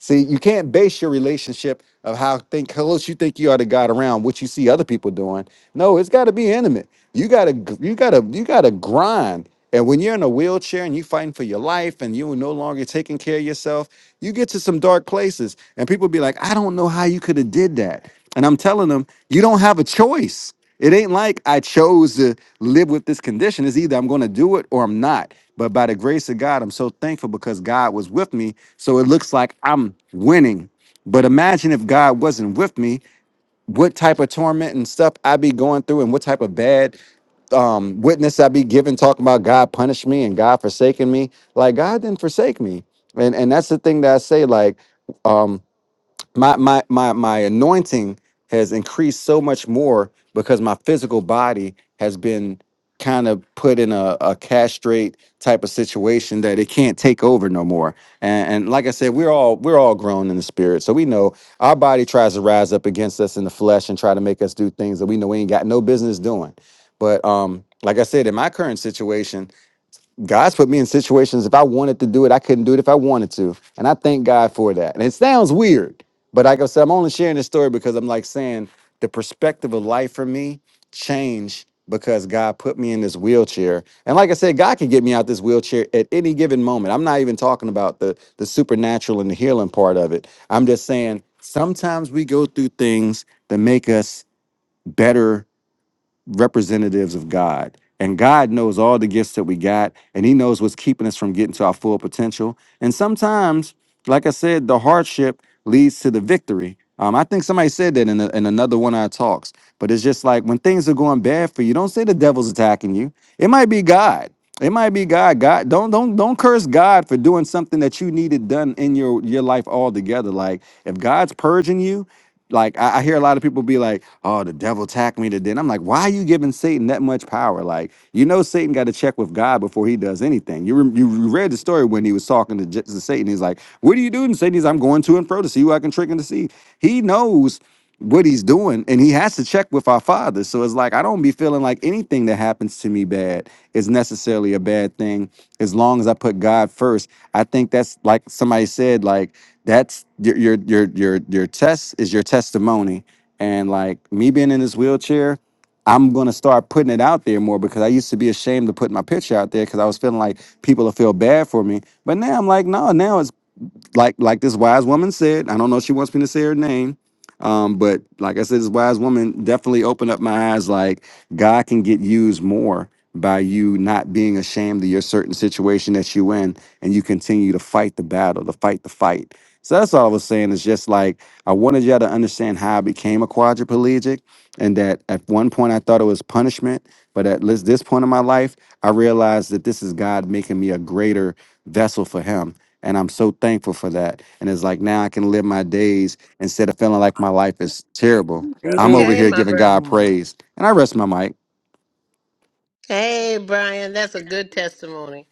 F: See, you can't base your relationship of how think how close you think you are to God around what you see other people doing. No, it's got to be intimate. You gotta gr- you gotta you gotta grind. And when you're in a wheelchair and you're fighting for your life and you are no longer taking care of yourself, you get to some dark places and people be like, I don't know how you could have did that. And I'm telling them, you don't have a choice. It ain't like I chose to live with this condition. It's either I'm going to do it or I'm not. But by the grace of God, I'm so thankful because God was with me. So it looks like I'm winning. But imagine if God wasn't with me, what type of torment and stuff I'd be going through, and what type of bad um, witness I'd be giving, talking about God punished me and God forsaken me. Like God didn't forsake me, and and that's the thing that I say. Like um, my my my my anointing has increased so much more because my physical body has been kind of put in a, a castrate type of situation that it can't take over no more and, and like i said we're all we're all grown in the spirit so we know our body tries to rise up against us in the flesh and try to make us do things that we know we ain't got no business doing but um like i said in my current situation God's put me in situations if I wanted to do it, I couldn't do it if I wanted to. And I thank God for that. And it sounds weird, but like I said, I'm only sharing this story because I'm like saying the perspective of life for me changed because God put me in this wheelchair. And like I said, God can get me out this wheelchair at any given moment. I'm not even talking about the the supernatural and the healing part of it. I'm just saying sometimes we go through things that make us better representatives of God. And God knows all the gifts that we got, and He knows what's keeping us from getting to our full potential. And sometimes, like I said, the hardship leads to the victory. Um, I think somebody said that in, a, in another one of our talks, but it's just like when things are going bad for you, don't say the devil's attacking you. It might be God. It might be God. God, don't don't don't curse God for doing something that you needed done in your your life altogether. Like if God's purging you, like I, I hear a lot of people be like, "Oh, the devil attacked me today," and I'm like, "Why are you giving Satan that much power? Like, you know, Satan got to check with God before he does anything." You rem you read the story when he was talking to, J- to Satan. He's like, "What are you doing?" Satan, he's, "I'm going to and fro to see who I can trick and deceive." He knows what he's doing and he has to check with our father so it's like i don't be feeling like anything that happens to me bad is necessarily a bad thing as long as i put god first i think that's like somebody said like that's your your your your, your test is your testimony and like me being in this wheelchair i'm going to start putting it out there more because i used to be ashamed to put my picture out there because i was feeling like people will feel bad for me but now i'm like no now it's like like this wise woman said, I don't know if she wants me to say her name, um, but like I said, this wise woman definitely opened up my eyes. Like God can get used more by you not being ashamed of your certain situation that you in, and you continue to fight the battle, to fight the fight. So that's all I was saying. Is just like I wanted y'all to understand how I became a quadriplegic, and that at one point I thought it was punishment, but at this this point in my life, I realized that this is God making me a greater vessel for Him and I'm so thankful for that. And it's like now I can live my days instead of feeling like my life is terrible. I'm over
A: Okay,
D: Amen.
F: here
A: my
F: giving
A: bro.
F: God
D: Amen.
F: praise. And I rest my mic.
A: Hey, Brian, that's a good testimony.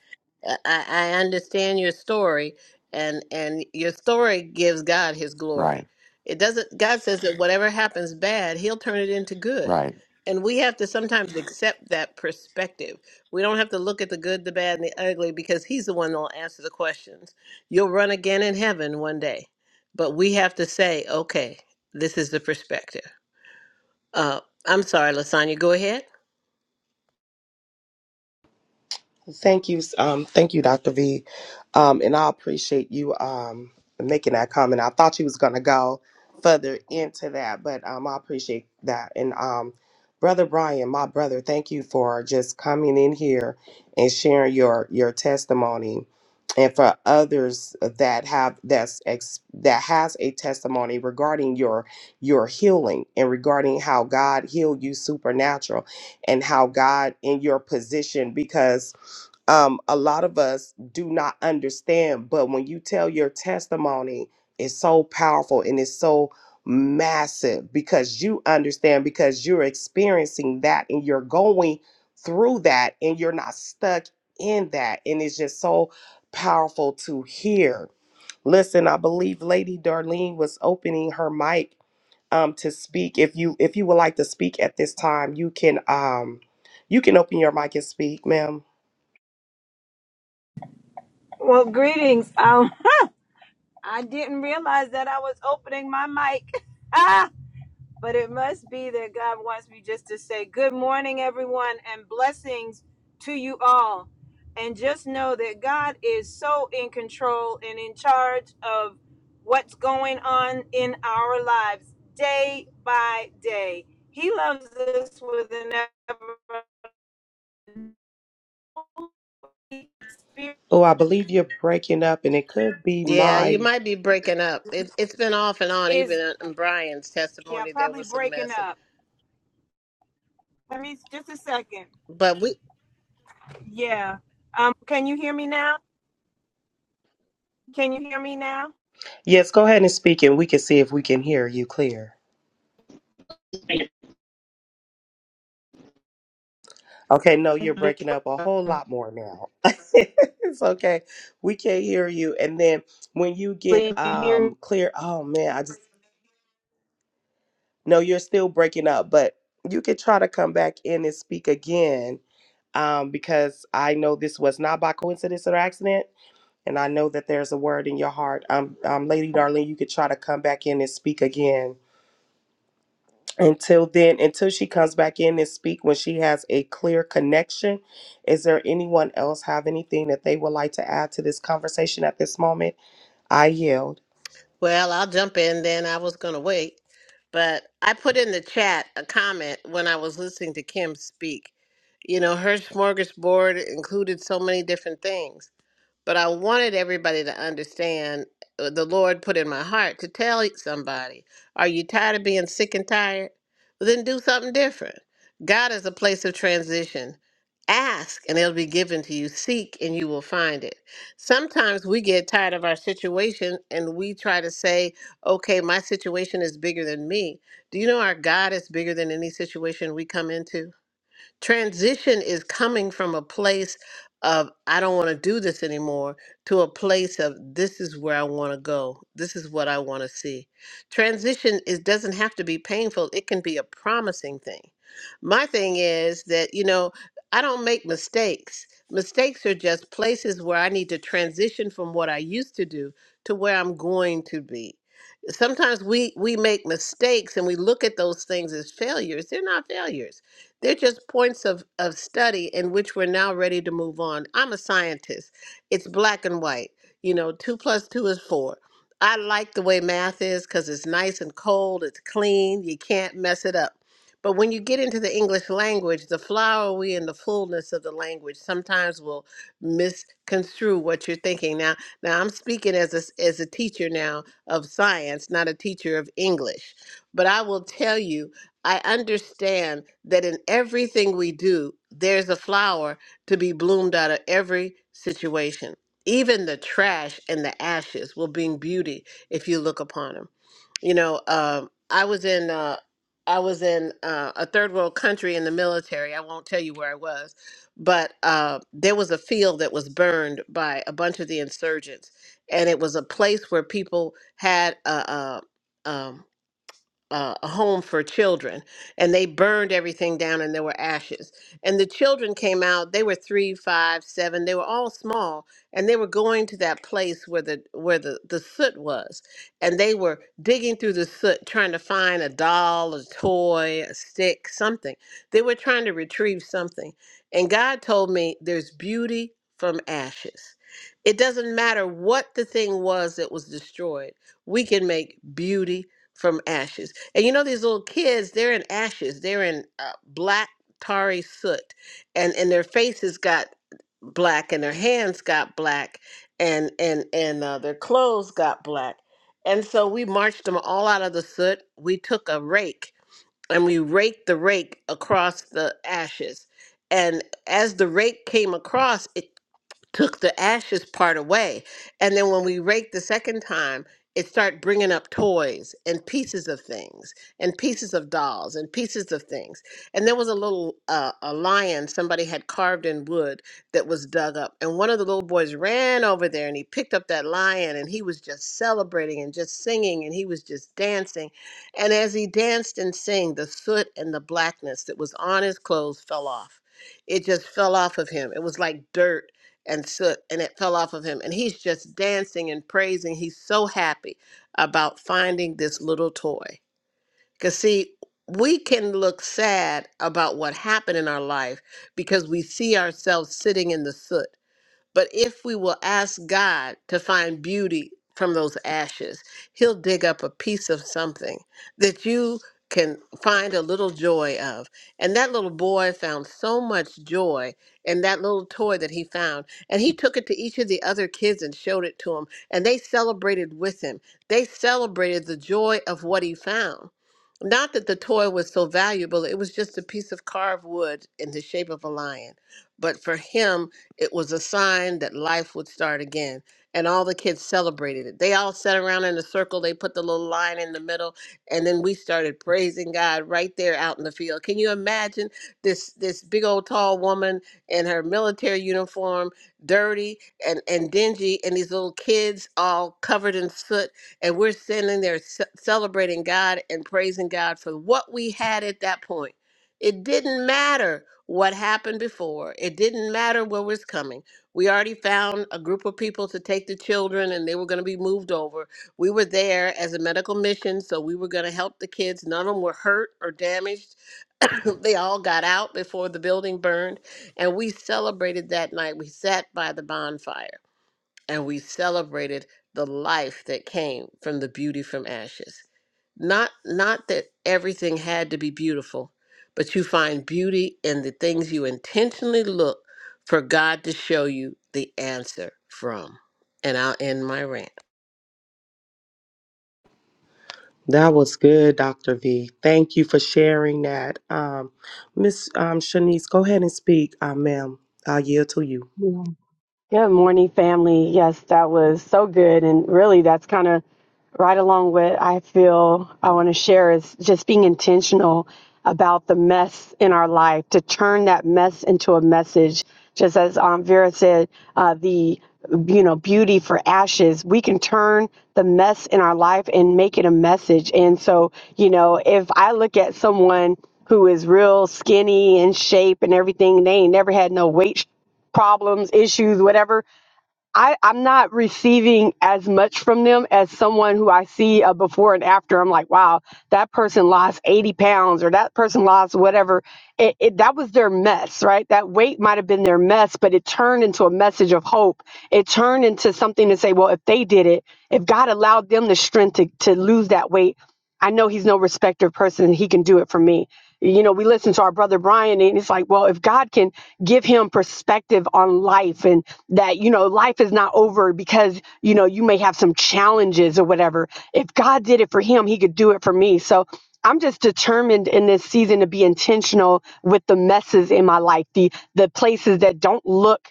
A: I, I I understand your story, and and your story gives God His
F: Right,
A: glory. It doesn't. God says that whatever happens bad, He'll turn it into good,
F: right.
A: and we have to sometimes accept that perspective. We don't have to look at the good, the bad, and the ugly because He's the one that'll answer the questions. You'll run again in heaven one day, but we have to say, okay, this is the perspective. Uh, I'm sorry, Lasagna. Go ahead.
B: Thank you, um, thank you, Dr. V, um, and I appreciate you um, making that comment. I thought you was gonna go further into that, but um, I appreciate that. And um, brother Brian, my brother, thank you for just coming in here and sharing your your testimony, and for others that have that's ex, that has a testimony regarding your your healing and regarding how God healed you supernatural, and how God in your position because um, a lot of us do not understand. But when you tell your testimony, it's so powerful and it's so massive because you understand because you're experiencing that and you're going through that and you're not stuck in that. And it's just so powerful to hear. Listen, I believe Lady Darlene was opening her mic um to speak. If you if you would like to speak at this time, you can um you can open your mic and speak, ma'am.
G: Well, greetings. Um, I didn't realize that I was opening my mic. Ah, but it must be that God wants me just to say good morning, everyone, and blessings to you all. And just know that God is so in control and in charge of what's going on in our lives day by day. He loves us with an ever Holy spirit
B: Oh, I believe you're breaking up, and it could be
A: Yeah, you
B: my.
A: might be breaking up. It, it's been off and on.
G: is
A: Even in Brian's
G: yeah,
A: testimony, there
G: probably
A: was some
G: breaking
A: messing.
G: up. Let me just a second.
A: But we,
G: Yeah. Um, can you hear me now? Can you hear me now?
B: Yes, go ahead and speak, and we can see if we can hear you clear. Okay, no, you're breaking up a whole lot more now. it's okay. We can't hear you. And then when you get
G: Please you hear me.
B: um clear, oh man, I just no, you're still breaking up, but you could try to come back in and speak again. Um, because I know this was not by coincidence or accident, and I know that there's a word in your heart. Um, um, Lady Darling, you could try to come back in and speak again until then until she comes back in and speak when she has a clear connection is there anyone else have anything that they would like to add to this conversation at this moment i yield
A: well, I'll jump in then. I was going to wait. But I put in the chat a comment when I was listening to Kim speak. You know, her smorgasbord included so many different things. But I wanted everybody to understand uh, the Lord put in my heart to tell somebody, are you tired of being sick and tired? Well, then do something different. God is a place of transition. Ask and it'll be given to you. Seek and you will find it. Sometimes we get tired of our situation and we try to say, okay, my situation is bigger than me. Do you know our God is bigger than any situation we come into? Transition is coming from a place of, I don't want to do this anymore, to a place of, this is where I want to go. This is what I want to see. Transition is, doesn't have to be painful, it can be a promising thing. My thing is that, you know, I don't make mistakes. Mistakes are just places where I need to transition from what I used to do to where I'm going to be sometimes we we make mistakes and we look at those things as failures they're not failures they're just points of, of study in which we're now ready to move on. I'm a scientist. It's black and white. You know, two plus two is four. I like the way math is because it's nice and cold, it's clean, you can't mess it up. But when you get into the English language, the flowery and the fullness of the language sometimes will misconstrue what you're thinking. Now, now I'm speaking as a, s- as a teacher now of science, not a teacher of English. But I will tell you I understand that in everything we do, there's a flower to be bloomed out of every situation. Even the trash and the ashes will bring beauty if you look upon them. You know, um, I was in uh, I was in uh, a third world country in the military. I won't tell you where I was, but uh, there was a field that was burned by a bunch of the insurgents, and it was a place where people had a, a, um, uh, a home for children and they burned everything down and there were ashes and the children came out they were three five seven they were all small and they were going to that place where the where the, the soot was and they were digging through the soot trying to find a doll a toy a stick something they were trying to retrieve something and god told me there's beauty from ashes it doesn't matter what the thing was that was destroyed we can make beauty from ashes and you know these little kids, they're in ashes. They're in uh, black tarry soot, and and their faces got black, and their hands got black, and and and uh, their clothes got black. And so we marched them all out of the soot. We took a rake and we raked the rake across the ashes. And as the rake came across, it took the ashes part away and then when we raked the second time it started bringing up toys and pieces of things and pieces of dolls and pieces of things and there was a little uh, a lion somebody had carved in wood that was dug up and one of the little boys ran over there and he picked up that lion and he was just celebrating and just singing and he was just dancing and as he danced and sang the soot and the blackness that was on his clothes fell off it just fell off of him it was like dirt and soot and it fell off of him and he's just dancing and praising he's so happy about finding this little toy because see we can look sad about what happened in our life because we see ourselves sitting in the soot but if we will ask God to find beauty from those ashes, He'll dig up a piece of something that you can find a little joy of. And that little boy found so much joy in that little toy that he found. And he took it to each of the other kids and showed it to them. And they celebrated with him. They celebrated the joy of what he found. Not that the toy was so valuable, it was just a piece of carved wood in the shape of a lion. But for him, it was a sign that life would start again. And all the kids celebrated it. They all sat around in a circle. They put the little line in the middle. And then we started praising God right there out in the field. Can you imagine this this big old tall woman in her military uniform, dirty and, and dingy, and these little kids all covered in soot. And we're sitting there ce- celebrating God and praising God for what we had at that point it didn't matter what happened before. It didn't matter what was coming. We already found a group of people to take the children and they were going to be moved over. We were there as a medical mission, so we were going to help the kids. None of them were hurt or damaged. they all got out before the building burned. And we celebrated that night. We sat by the bonfire and we celebrated the life that came from the beauty from ashes. Not not that everything had to be beautiful, but you find beauty in the things you intentionally look for God to show you the answer from. And I'll end my rant.
B: that was good dr v thank you for sharing that um miss um shanice go ahead and speak um ma'am i yield to you
H: Yeah. Good morning, family. Yes, that was so good. And really, that's kind of right along what I feel I want to share is just being intentional about the mess in our life to turn that mess into a message. Just as um, Vera said, uh, the you know beauty for ashes we can turn the mess in our life and make it a message and so you know if i look at someone who is real skinny and shape and everything they ain't never had no weight problems, issues, whatever, I, I'm not receiving as much from them as someone who I see a before and after. I'm like, wow, that person lost 80 pounds or that person lost whatever. It, it, that was their mess, right? That weight might have been their mess, but it turned into a message of hope. It turned into something to say, well, if they did it, if God allowed them the strength to, to lose that weight, I know he's no respecter of person. He can do it for me. You know, we listen to our brother Brian, and it's like, well, if God can give him perspective on life and that, you know, life is not over because, you know, you may have some challenges or whatever. If God did it for him, he could do it for me. So I'm just determined in this season to be intentional with the messes in my life, the the places that don't look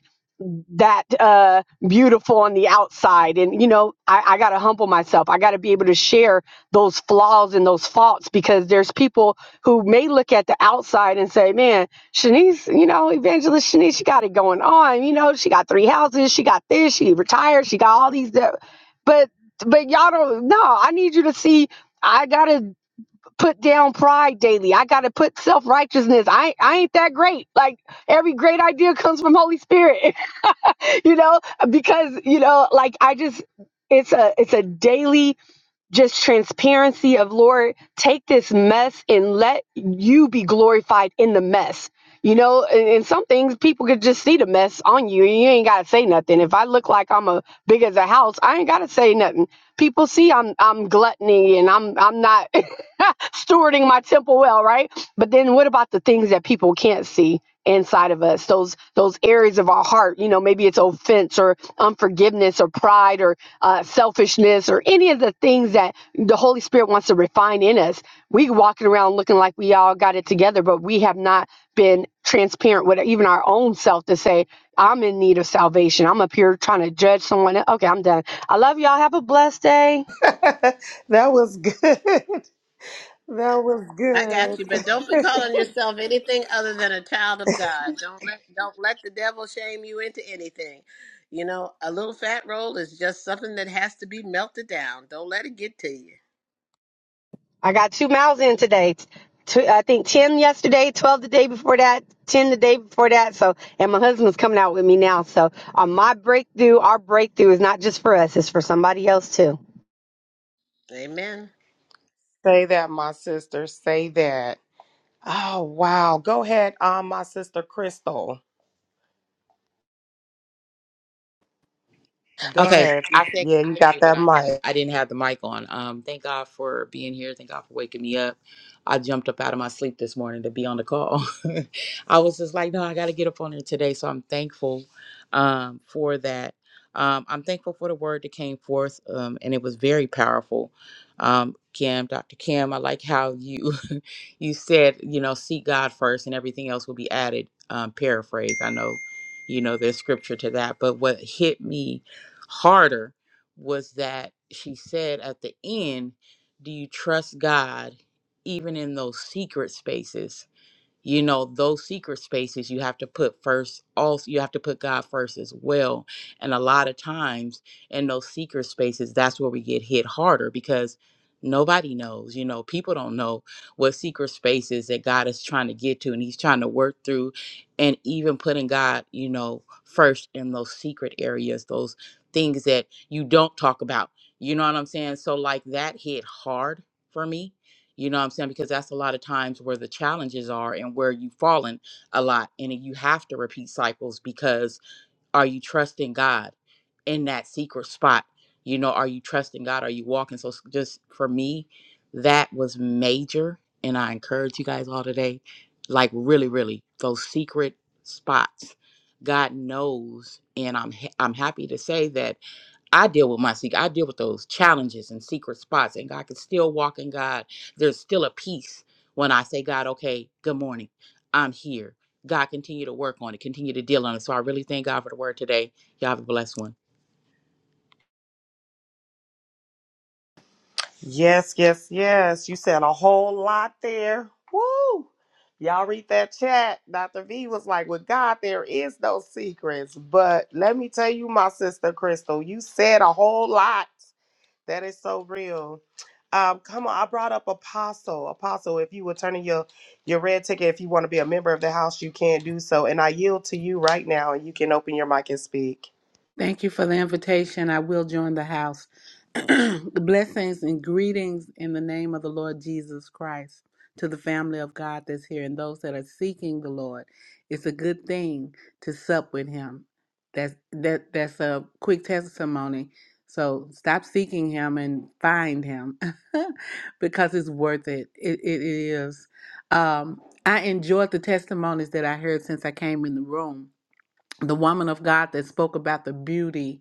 H: that uh, beautiful on the outside. And, you know, I, I got to humble myself. I got to be able to share those flaws and those faults because there's people who may look at the outside and say, man, Shanice, you know, Evangelist Shanice, she got it going on. You know, she got three houses, she got this, she retired, she got all these. that- But, but y'all don't, no, I need you to see, I got to put down pride daily. I got to put self righteousness. I, I ain't that great. Like, every great idea comes from Holy Spirit. you know, because you know, like I just it's a it's a daily just transparency of Lord, take this mess and let you be glorified in the mess. You know, and, and some things people could just see the mess on you and you ain't gotta say nothing. If I look like I'm a big as a house, I ain't gotta say nothing. People see I'm I'm gluttony and I'm I'm not stewarding my temple well, right? But then what about the things that people can't see inside of us? Those those areas of our heart, you know, maybe it's offense or unforgiveness or pride or uh, selfishness or any of the things that the Holy Spirit wants to refine in us. We walking around looking like we all got it together, but we have not been transparent with even our own self to say, I'm in need of salvation. I'm up here trying to judge someone. Okay, I'm done. I love y'all. Have a blessed day.
B: that was good that was
A: I got
B: good
A: you, but don't be calling yourself anything other than a child of God. Don't let don't let the devil shame you into anything. You know, a little fat roll is just something that has to be melted down. Don't let it get to you.
H: I got two miles in today. Two, I think 10 yesterday, 12 the day before that, 10 the day before that. So, and my husband's coming out with me now. So, on my breakthrough, our breakthrough is not just for us, it's for somebody else too.
A: Amen.
B: say that my sister say that oh wow go ahead um my sister crystal Go
I: Okay,
B: ahead.
I: I think
B: Yeah,
I: you
B: you
I: hear me?
B: got
I: But
B: that
I: I didn't.
B: mic.
I: I didn't have the mic on. Um, thank God for being here. Thank God for waking me up. I jumped up out of my sleep this morning to be on the call. I was just like, no, I got to get up on it today. So I'm thankful um, for that. Um, I'm thankful for the word that came forth, um, and it was very powerful. Um, Kim, Dr. Kim, I like how you you said, you know, seek God first, and everything else will be added. Um, paraphrase. I know, you know, there's scripture to that, but what hit me harder was that she said at the end, Do you trust God even in those secret spaces? you know those secret spaces you have to put first also you have to put god first as well and a lot of times in those secret spaces that's where we get hit harder because nobody knows you know people don't know what secret spaces that god is trying to get to and he's trying to work through and even putting god you know first in those secret areas those things that you don't talk about you know what i'm saying so like that hit hard for me you know what I'm saying? Because that's a lot of times where the challenges are and where you've fallen a lot. And you have to repeat cycles because are you trusting God in that secret spot? You know, are you trusting God? Are you walking? So, s- just for me, that was major. And I encourage you guys all today like, really, really, those secret spots. God knows. And I'm, ha- I'm happy to say that I deal with my secret. I deal with those challenges and secret spots, and God can still walk in God. There's still a peace when I say, God, okay, good morning. I'm here. God, continue to work on it, continue to deal on it. So I really thank God for the word today. Y'all have a blessed one.
B: Yes, yes, yes. You said a whole lot there. Woo! Y'all read that chat. Dr. V was like, with God, there is no secrets. But let me tell you, my sister Crystal, you said a whole lot. That is so real. Um, come on, I brought up Apostle. Apostle, if you were turning your your red ticket, if you want to be a member of the house, you can do so. And I yield to you right now, and you can open your mic and speak.
J: Thank you for the invitation. I will join the house. Blessings and greetings in the name of the Lord Jesus Christ to the family of God that's here and those that are seeking the Lord. It's a good thing to sup with Him. That's that. That's a quick testimony. So stop seeking Him and find Him, because it's worth it. It, it is. Um, I enjoyed the testimonies that I heard since I came in the room the woman of God that spoke about the beauty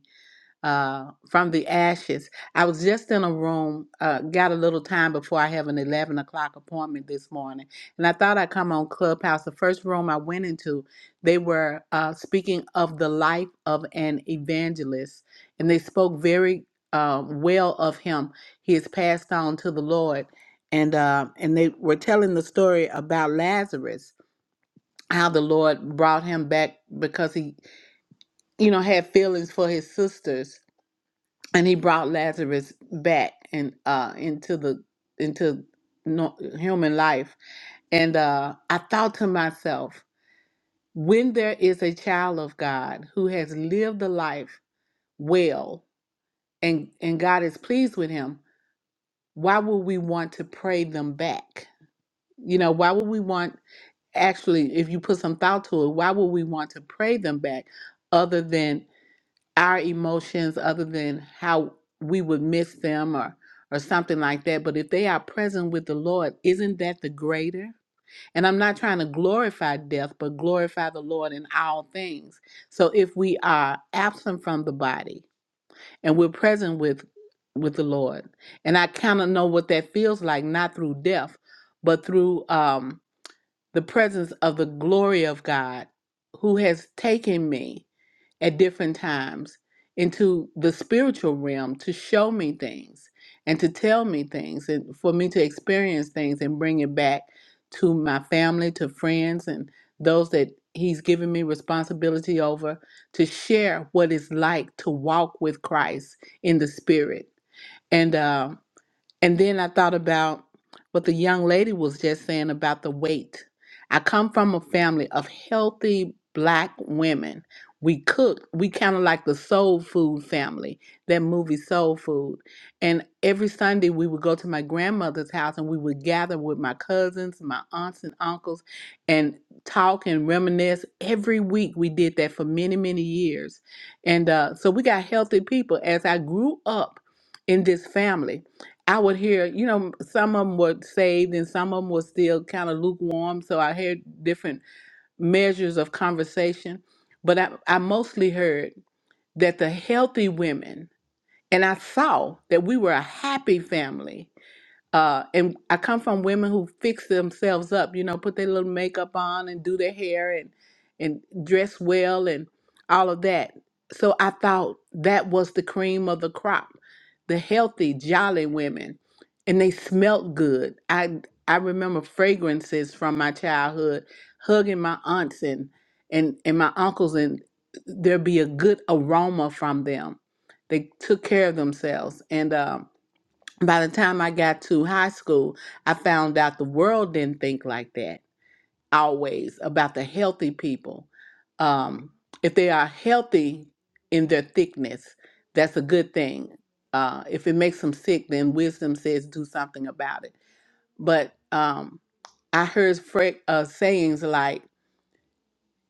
J: uh, from the ashes. I was just in a room, uh, got a little time before I have an 11 o'clock appointment this morning. And I thought I'd come on Clubhouse. The first room I went into, they were uh, speaking of the life of an evangelist. And they spoke very uh, well of him. He has passed on to the Lord. And, uh, and they were telling the story about Lazarus how the Lord brought him back because he you know, had feelings for his sisters, and he brought Lazarus back and uh into the into no, human life. And uh, I thought to myself, when there is a child of God who has lived the life well, and and God is pleased with him, why would we want to pray them back? You know, why would we want actually, if you put some thought to it, why would we want to pray them back, other than our emotions other than how we would miss them or or something like that but if they are present with the lord isn't that the greater and i'm not trying to glorify death but glorify the lord in all things so if we are absent from the body and we're present with with the lord and i kind of know what that feels like not through death but through um the presence of the glory of god who has taken me at different times into the spiritual realm to show me things and to tell me things and for me to experience things and bring it back to my family, to friends, and those that He's given me responsibility over to share what it's like to walk with Christ in the Spirit. And uh, and then I thought about what the young lady was just saying about the weight. I come from a family of healthy black women. We cook, we kind of like the soul food family, that movie Soul Food. And every Sunday we would go to my grandmother's house and we would gather with my cousins, my aunts and uncles, and talk and reminisce. Every week we did that for many, many years. And uh, so we got healthy people. As I grew up in this family, I would hear, you know, some of them were saved and some of them were still kind of lukewarm. So I heard different measures of conversation. But I, I mostly heard that the healthy women, and I saw that we were a happy family uh, and I come from women who fix themselves up, you know, put their little makeup on and do their hair and and dress well and all of that. So I thought that was the cream of the crop, the healthy, jolly women, and they smelt good. I I remember fragrances from my childhood, hugging my aunts and and and my uncles, and there'd be a good aroma from them. They took care of themselves, and um by the time I got to high school, I found out the world didn't think like that always about the healthy people. Um, if they are healthy in their thickness, that's a good thing. Uh, if it makes them sick, then wisdom says do something about it. But um, I heard fra- uh, sayings like,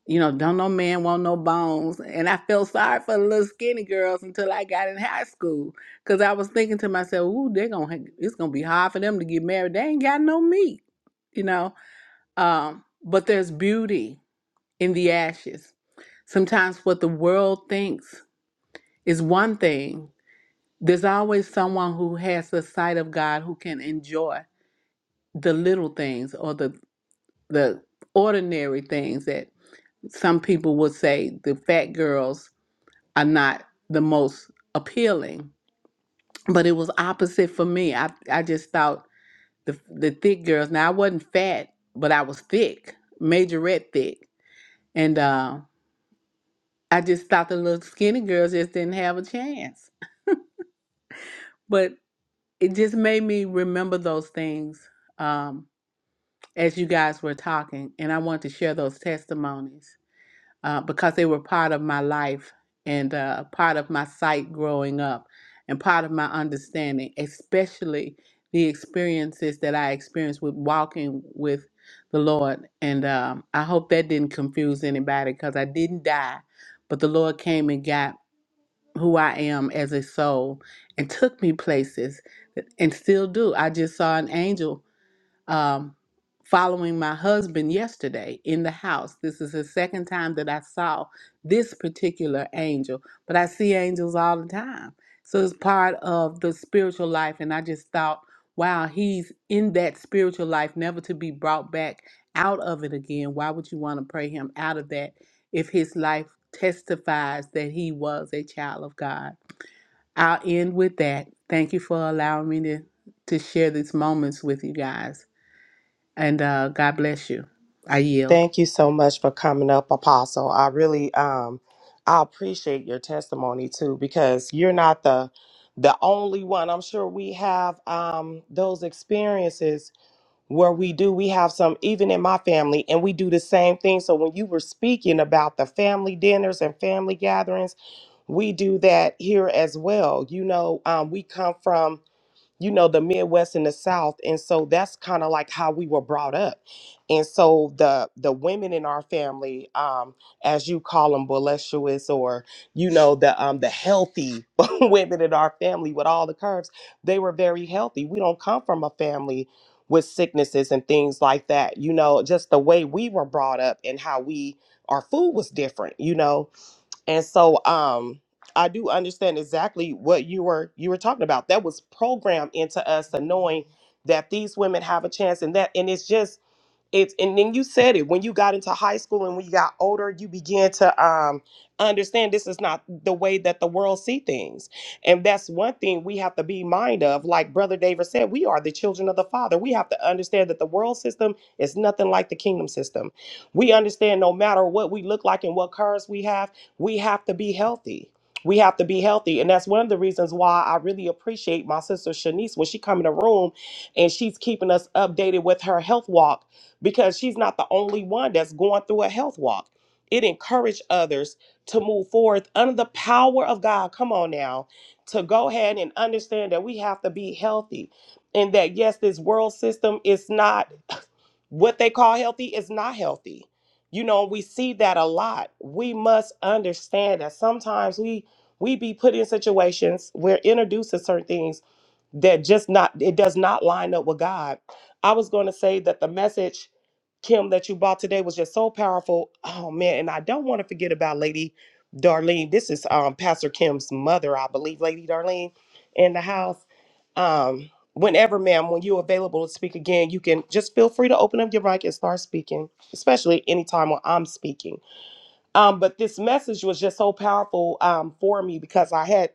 J: you know, don't no man want no bones. And I felt sorry for the little skinny girls until I got in high school. Cause I was thinking to myself, ooh, they're gonna ha- it's gonna be hard for them to get married. They ain't got no meat, you know. Um, but there's beauty in the ashes. Sometimes what the world thinks is one thing. There's always someone who has the sight of God who can enjoy the little things or the the ordinary things that some people would say the fat girls are not the most appealing. But it was opposite for me. I I just thought the the thick girls. Now I wasn't fat, but I was thick, majorette thick, and uh, I just thought the little skinny girls just didn't have a chance. But it just made me remember those things um, as you guys were talking, and I wanted to share those testimonies. uh, because they were part of my life and uh, part of my sight growing up and part of my understanding, especially the experiences that I experienced with walking with the Lord. And um, I hope that didn't confuse anybody because I didn't die, but the Lord came and got who I am as a soul and took me places and still do. I just saw an angel um, following my husband yesterday in the house. This is the second time that I saw this particular angel, but I see angels all the time. So it's part of the spiritual life. And I just thought, wow, he's in that spiritual life, never to be brought back out of it again. Why would you want to pray him out of that if his life testifies that he was a child of God? I'll end with that. Thank you for allowing me to, to share these moments with you guys. And uh, God bless you. I yield.
B: Thank you so much for coming up, Apostle. I really um I appreciate your testimony too because you're not the the only one. I'm sure we have um those experiences where we do we have some even in my family and we do the same thing. So when you were speaking about the family dinners and family gatherings, we do that here as well. You know, um we come from you know, the Midwest and the South. And so that's kind of like how we were brought up. And so the the women in our family, um, as you call them, voluptuous or you know the um, the healthy women in our family with all the curves, they were very healthy. We don't come from a family with sicknesses and things like that. You know, just the way we were brought up and how we our food was different. You know, and so um I do understand exactly what you were you were talking about. That was programmed into us the knowing that these women have a chance and that and it's just it's and then you said it when you got into high school and when you got older you began to um understand this is not the way that the world see things and that's one thing we have to be mind of like brother david said we are the children of the father we have to understand that the world system is nothing like the kingdom system we understand no matter what we look like and what cars we have we have to be healthy we have to be healthy and that's one of the reasons why i really appreciate my sister shanice when she come in the room and she's keeping us updated with her health walk because she's not the only one that's going through a health walk. It encouraged others to move forward under the power of God. Come on now, to go ahead and understand that we have to be healthy and that, yes, this world system is not what they call healthy, is not healthy. You know, we see that a lot. We must understand that sometimes we we be put in situations we're introduced to certain things that just not it does not line up with God. I was going to say that the message Kim that you bought today was just so powerful. Oh man, and I don't want to forget about Lady Darlene. This is um Pastor Kim's mother, I believe, Lady Darlene, in the house. Um, whenever, ma'am, when you're available to speak again, you can just feel free to open up your mic and start speaking, especially anytime when I'm speaking. Um, but this message was just so powerful um for me because I had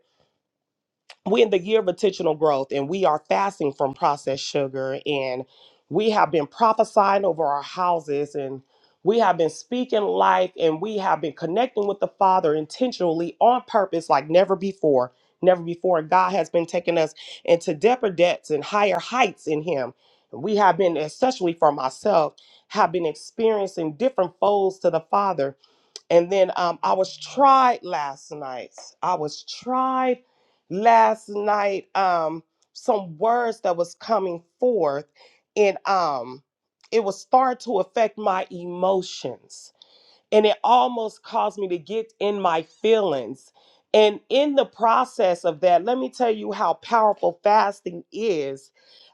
B: we're in the year of intentional growth and we are fasting from processed sugar and we have been prophesying over our houses and we have been speaking life and we have been connecting with the father intentionally on purpose like never before never before god has been taking us into deeper depths and higher heights in him we have been especially for myself have been experiencing different folds to the father and then um, I was tried last night. I was tried last night. Um, some words that was coming forth, and um, it was start to affect my emotions and it almost caused me to get in my feelings. And in the process of that, let me tell you how powerful fasting is.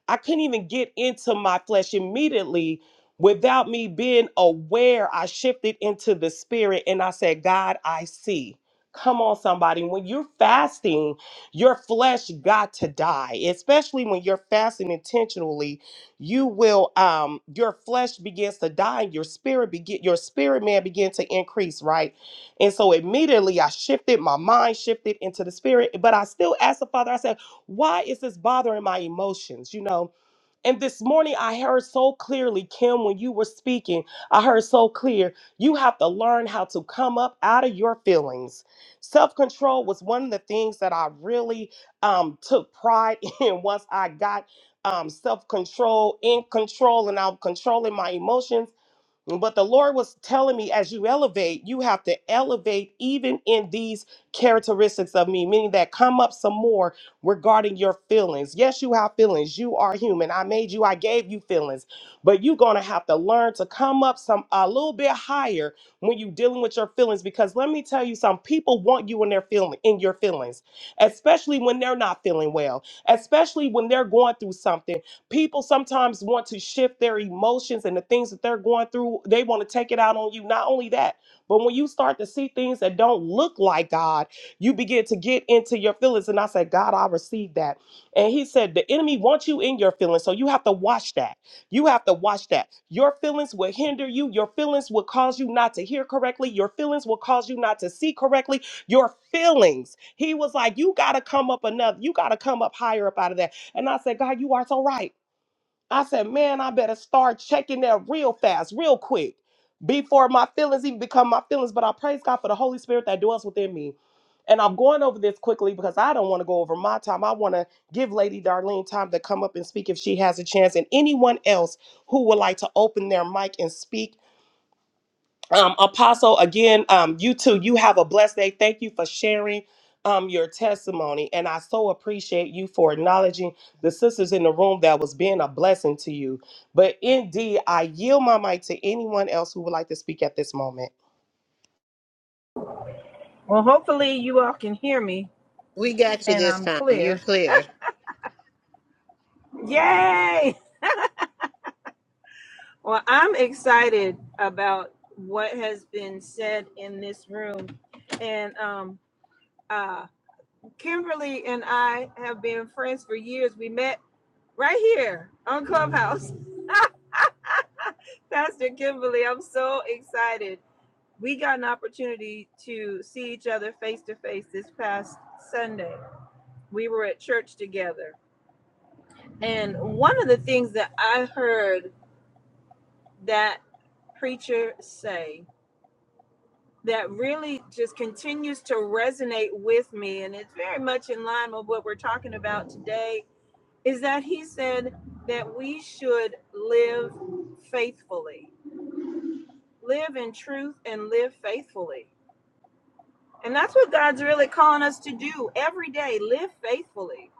B: I couldn't even get into my flesh immediately without me being aware. I shifted into the spirit and I said, God, I see. Come on, somebody. When you're fasting, your flesh got to die, especially when you're fasting intentionally you will um your flesh begins to die and your spirit begin your spirit man begin to increase right and so immediately i shifted my mind shifted into the spirit but i still asked the father i said why is this bothering my emotions you know and this morning, I heard so clearly, Kim, when you were speaking, I heard so clear. You have to learn how to come up out of your feelings. Self control was one of the things that I really um, took pride in once I got um, self control in control and I'm controlling my emotions. But the Lord was telling me as you elevate, you have to elevate even in these characteristics of me, meaning that come up some more regarding your feelings. Yes, you have feelings. You are human. I made you, I gave you feelings. But you're going to have to learn to come up some a little bit higher when you're dealing with your feelings because let me tell you some people want you in their feeling in your feelings, especially when they're not feeling well, especially when they're going through something. People sometimes want to shift their emotions and the things that they're going through, they want to take it out on you. Not only that, but when you start to see things that don't look like God, you begin to get into your feelings. And I said, God, I received that. And he said, The enemy wants you in your feelings. So you have to watch that. You have to watch that. Your feelings will hinder you. Your feelings will cause you not to hear correctly. Your feelings will cause you not to see correctly. Your feelings. He was like, You got to come up enough. You got to come up higher up out of that. And I said, God, you are so right. I said, man, I better start checking that real fast, real quick, before my feelings even become my feelings. But I praise God for the Holy Spirit that dwells within me. And I'm going over this quickly because I don't want to go over my time. I want to give Lady Darlene time to come up and speak if she has a chance, and anyone else who would like to open their mic and speak um, apostle again um, you too you have a blessed day thank you for sharing um, your testimony and i so appreciate you for acknowledging the sisters in the room that was being a blessing to you but indeed i yield my mic to anyone else who would like to speak at this moment
G: Well, hopefully you all can hear me
A: We got you
G: and
A: this
G: I'm
A: time. You're
G: clear.
A: clear.
G: Yay! Well, I'm excited about what has been said in this room. And um uh Kimberly and I have been friends for years. We met right here on Clubhouse. Pastor Kimberly, I'm so excited we got an opportunity to see each other face to face this past Sunday. We were at church together. And one of the things that I heard that preacher say that really just continues to resonate with me, and it's very much in line with what we're talking about today, is that he said that we should live faithfully, live in truth and live faithfully. And that's what God's really calling us to do every day live faithfully,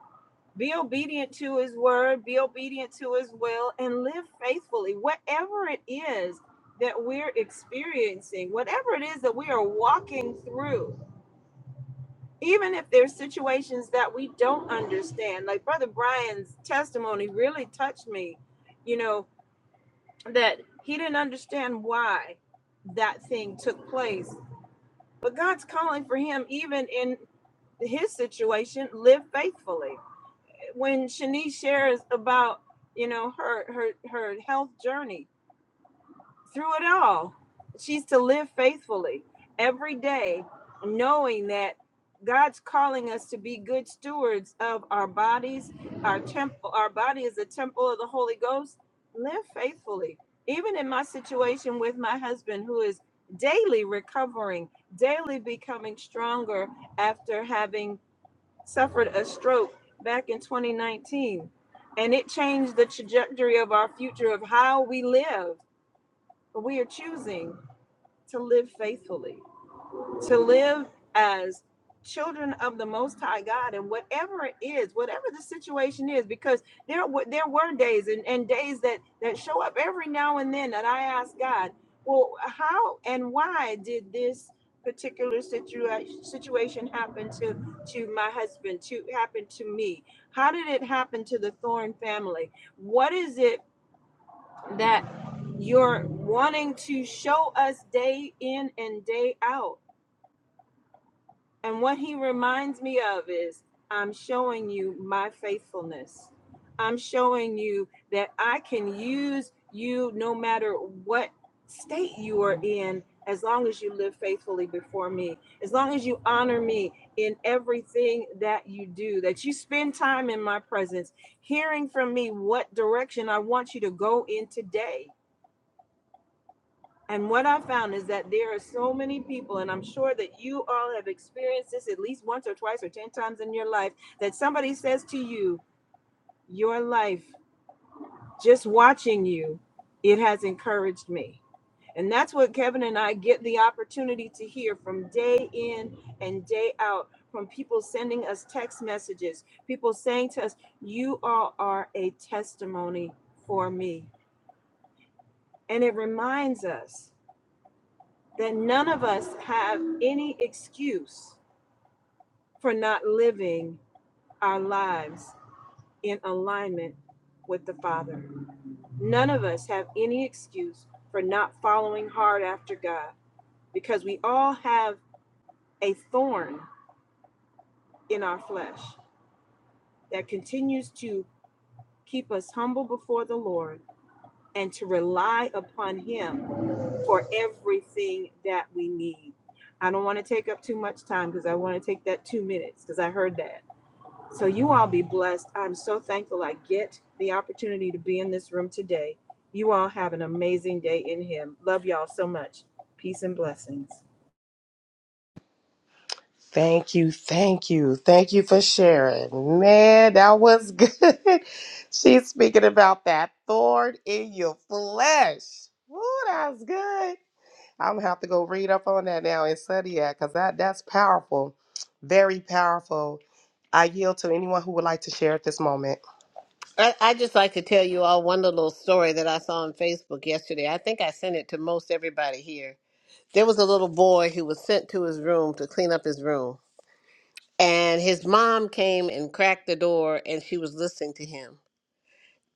G: be obedient to his word, be obedient to his will, and live faithfully. Whatever it is that we're experiencing, whatever it is that we are walking through, even if there's situations that we don't understand, like Brother Brian's testimony really touched me, you know, that he didn't understand why that thing took place. But God's calling for him even in his situation live faithfully when shanice shares about you know her her her health journey through it all she's to live faithfully every day knowing that god's calling us to be good stewards of our bodies our temple our body is a temple of the holy ghost live faithfully even in my situation with my husband who is daily recovering daily becoming stronger after having suffered a stroke back in 2019. And it changed the trajectory of our future of how we live. But we are choosing to live faithfully to live as children of the most high god and whatever it is whatever the situation is because there were there were days and, and days that that show up every now and then that i ask god well how and why did this particular situation situation happen to to my husband to happen to me how did it happen to the thorn family what is it that you're wanting to show us day in and day out and what he reminds me of is I'm showing you my faithfulness. I'm showing you that I can use you no matter what state you are in, as long as you live faithfully before me, as long as you honor me in everything that you do, that you spend time in my presence, hearing from me what direction I want you to go in today. And what I found is that there are so many people, and I'm sure that you all have experienced this at least once or twice or 10 times in your life, that somebody says to you, Your life, just watching you, it has encouraged me. And that's what Kevin and I get the opportunity to hear from day in and day out from people sending us text messages, people saying to us, You all are a testimony for me. And it reminds us that none of us have any excuse for not living our lives in alignment with the Father. None of us have any excuse for not following hard after God because we all have a thorn in our flesh that continues to keep us humble before the Lord and to rely upon Him for everything that we need. I don't want to take up too much time because I want to take that two minutes because I heard that. So you all be blessed. I'm so thankful I get the opportunity to be in this room today. You all have an amazing day in Him. Love y'all so much. Peace and blessings.
B: thank you thank you thank you for sharing man that was good she's speaking about that thorn in your flesh Woo, that was good I'm gonna have to go read up on that now and study that because that that's powerful, very powerful. I yield to anyone who would like to share at this moment.
A: I, I just like to tell you all one little story that I saw on Facebook yesterday. I think I sent it to most everybody here. There was a little boy who was sent to his room to clean up his room, and his mom came and cracked the door, and she was listening to him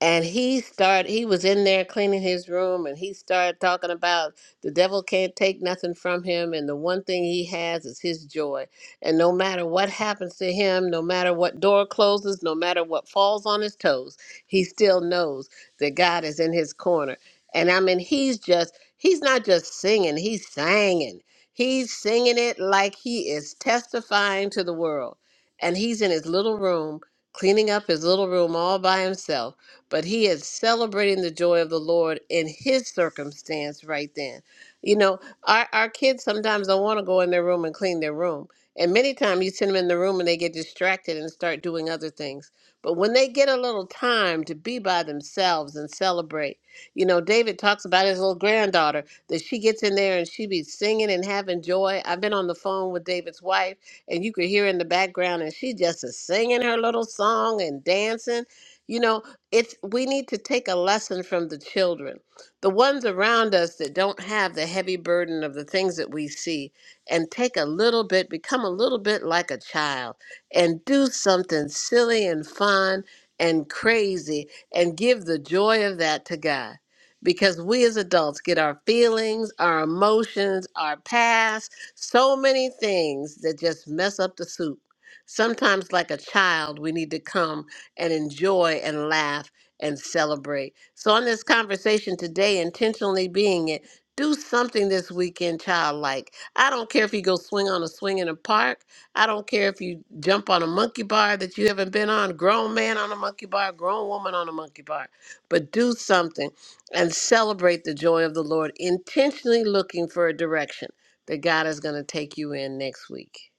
A: and he started he was in there cleaning his room and he started talking about the devil can't take nothing from him and the one thing he has is his joy and no matter what happens to him no matter what door closes no matter what falls on his toes he still knows that god is in his corner and i mean he's just he's not just singing he's singing he's singing it like he is testifying to the world and he's in his little room cleaning up his little room all by himself but he is celebrating the joy of the Lord in his circumstance right then. You know, our, our kids sometimes don't want to go in their room and clean their room. And many times you send them in the room and they get distracted and start doing other things. But when they get a little time to be by themselves and celebrate, you know, David talks about his little granddaughter that she gets in there and she be singing and having joy. I've been on the phone with David's wife and you could hear in the background and she just is singing her little song and dancing. You know, it's we need to take a lesson from the children the ones around us that don't have the heavy burden of the things that we see and take a little bit become a little bit like a child and do something silly and fun and crazy and give the joy of that to god because we as adults get our feelings our emotions our past so many things that just mess up the soup sometimes like a child we need to come and enjoy and laugh and celebrate. So, on this conversation today, intentionally being it, do something this weekend, childlike. I don't care if you go swing on a swing in a park. I don't care if you jump on a monkey bar that you haven't been on, grown man on a monkey bar, grown woman on a monkey bar. But do something and celebrate the joy of the Lord, intentionally looking for a direction that God is going to take you in next week.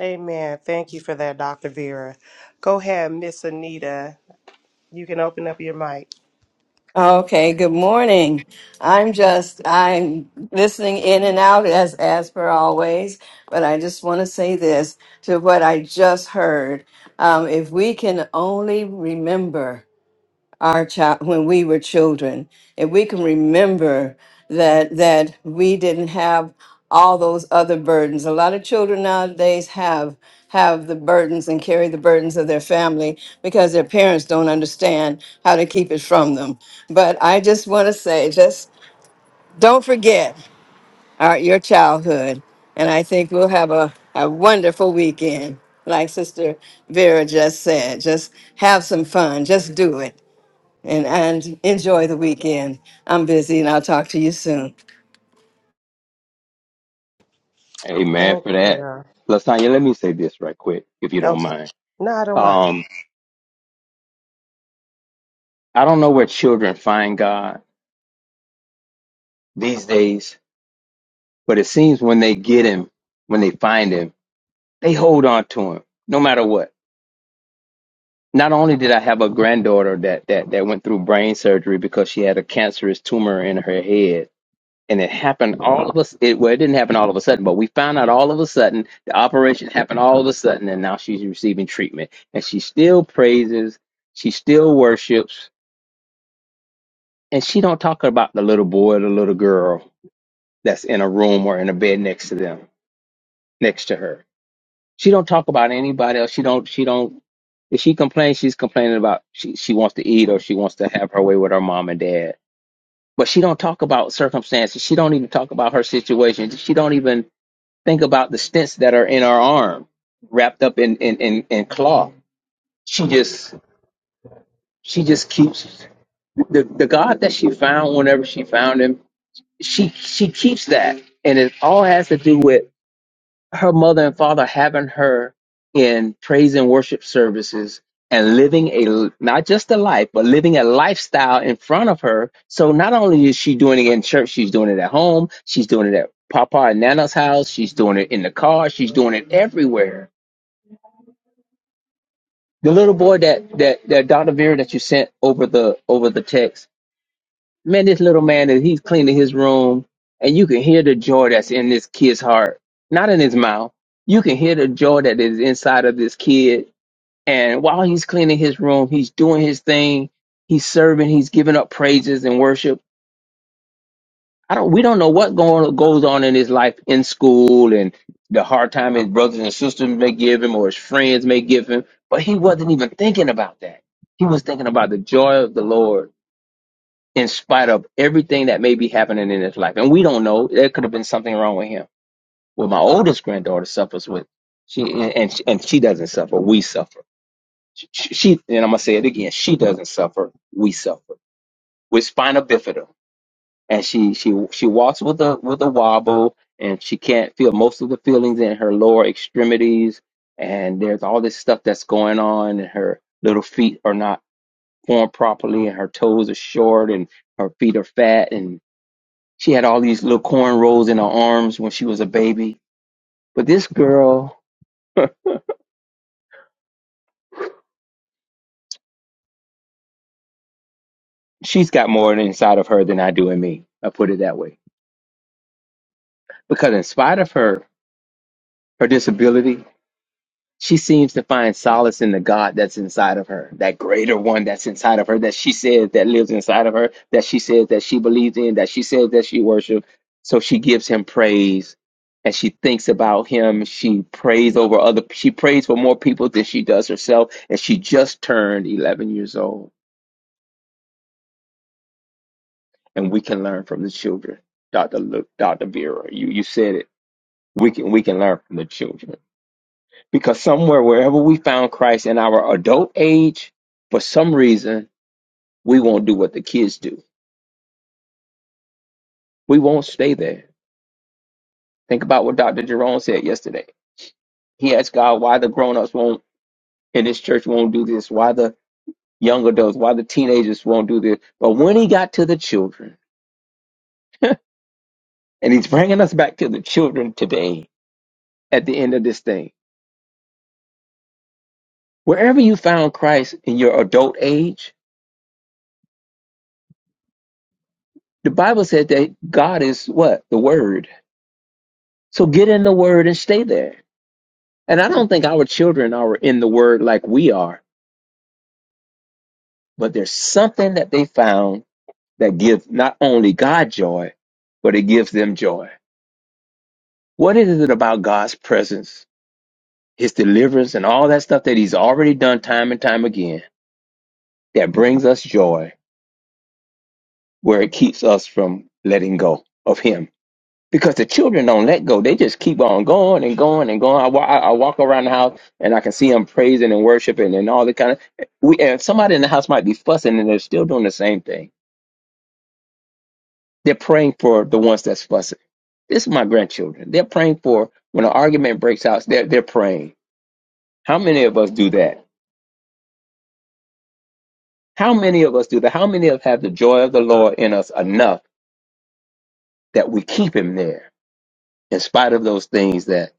B: Amen. Thank you for that, Dr. Vera. Go ahead, Miss Anita. You can open up your mic.
K: Okay, good morning. I'm just I'm listening in and out as as per always, but I just want to say this to what I just heard. Um, if we can only remember our child when we were children if we can remember that that we didn't have all those other burdens a lot of children nowadays have have the burdens and carry the burdens of their family because their parents don't understand how to keep it from them but i just want to say just don't forget our, your childhood and i think we'll have a, a wonderful weekend like sister vera just said just have some fun just do it and, and enjoy the weekend. I'm busy and I'll talk to you soon.
E: mind. Amen
B: Thank
E: for that.
B: you.
E: Lasagna, let me say this right quick, if you don't
B: Okay.
E: mind.
B: No, I don't mind.
E: Um, I don't know where children find God. these days. But it seems when they get him, when they find him, they hold on to him no matter what. Not only did I have a granddaughter that that that went through brain surgery because she had a cancerous tumor in her head, and it happened all of us. It, well, it didn't happen all of a sudden, but we found out all of a sudden the operation happened all of a sudden, and now she's receiving treatment, and she still praises, she still worships, and she don't talk about the little boy, or the little girl that's in a room or in a bed next to them, next to her She don't talk about anybody else. She don't. She don't. If she complains, she's complaining about she she wants to eat or she wants to have her way with her mom and dad. But she don't talk about circumstances. She don't even talk about her situation. She don't even think about the stents that are in her arm, wrapped up in in in, in cloth. She just she just keeps the the God that she found whenever she found him. She she keeps that, and it all has to do with her mother and father having her in praise and worship services and living a not just a life but living a lifestyle in front of her so not only is she doing it in church she's doing it at home she's doing it at papa and nana's house she's doing it in the car she's doing it everywhere the little boy that that that dr vera that you sent over the over the text Man, this little man is he's cleaning his room and you can hear the joy that's in this kid's heart. Not in his mouth. You can hear the joy that is inside of this kid. And while he's cleaning his room, he's doing his thing. He's serving, he's giving up praises and worship. I don't we don't know what going goes on in his life in school and the hard time his brothers and sisters may give him or his friends may give him, but he wasn't even thinking about that. He was thinking about the joy of the Lord in spite of everything that may be happening in his life. And we don't know. There could have been something wrong with him. Well, my oldest granddaughter suffers with she, and she, and she doesn't suffer. We suffer. She, she and I'm gonna say it again. She doesn't suffer. We suffer with spina bifida, and she she she walks with a with a wobble, and she can't feel most of the feelings in her lower extremities. And there's all this stuff that's going on, and her little feet are not formed properly, and her toes are short, and her feet are fat, and she had all these little corn rolls in her arms when she was a baby. But this girl, she's got more inside of her than I do in me. I put it that way. Because in spite of her, her disability, she seems to find solace in the God that's inside of her, that greater one that's inside of her, that she says that lives inside of her, that she says that she believes in, that she says that she worships. So she gives him praise and she thinks about him. She prays over other, she prays for more people than she does herself. And she just turned 11 years old. and we can learn from the children. Dr. Luke, Dr. Vera, you, you said it. We can we can learn from the children because somewhere wherever we found Christ in our adult age, for some reason we won't do what the kids do. We won't stay there. Think about what Dr. Jerome said yesterday. He asked God why the grown ups won't in this church won't do this, why the young adults, why the teenagers won't do this. But when he got to the children, and he's bringing us back to the children today at the end of this thing Wherever you found Christ in your adult age, the Bible said that God is what? The Word. So get in the Word and stay there. And I don't think our children are in the Word like we are, but there's something that they found that gives not only God joy, but it gives them joy. What is it about God's presence, His deliverance, and all that stuff that He's already done time and time again that brings us joy, where it keeps us from letting go of Him? because the children don't let go. They just keep on going and going and going. I, wa- I I walk around the house and I can see them praising and worshiping and all the kind of. We and somebody in the house might be fussing and they're still doing the same thing. They're praying for the ones that's fussing. This is my grandchildren. They're praying for when an argument breaks out. They're they're praying. How many of us do that? How many of us do that? How many of us have the joy of the Lord in us enough that we keep Him there in spite of those things that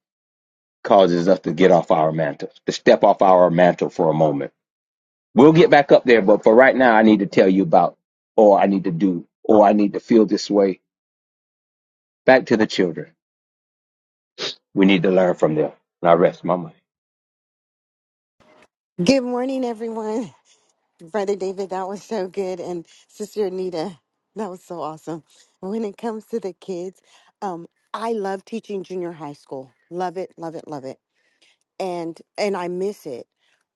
E: causes us to get off our mantle, to step off our mantle for a moment? We'll get back up there, but for right now, I need to tell you about, or I need to do, or I need to feel this way. Back to the children. We need to learn from them. And I rest my mind.
L: Good morning, everyone. Brother David, that was so good. And Sister Anita, that was so awesome. When it comes to the kids, um, I love teaching junior high school. Love it, love it, love it. And and I miss it.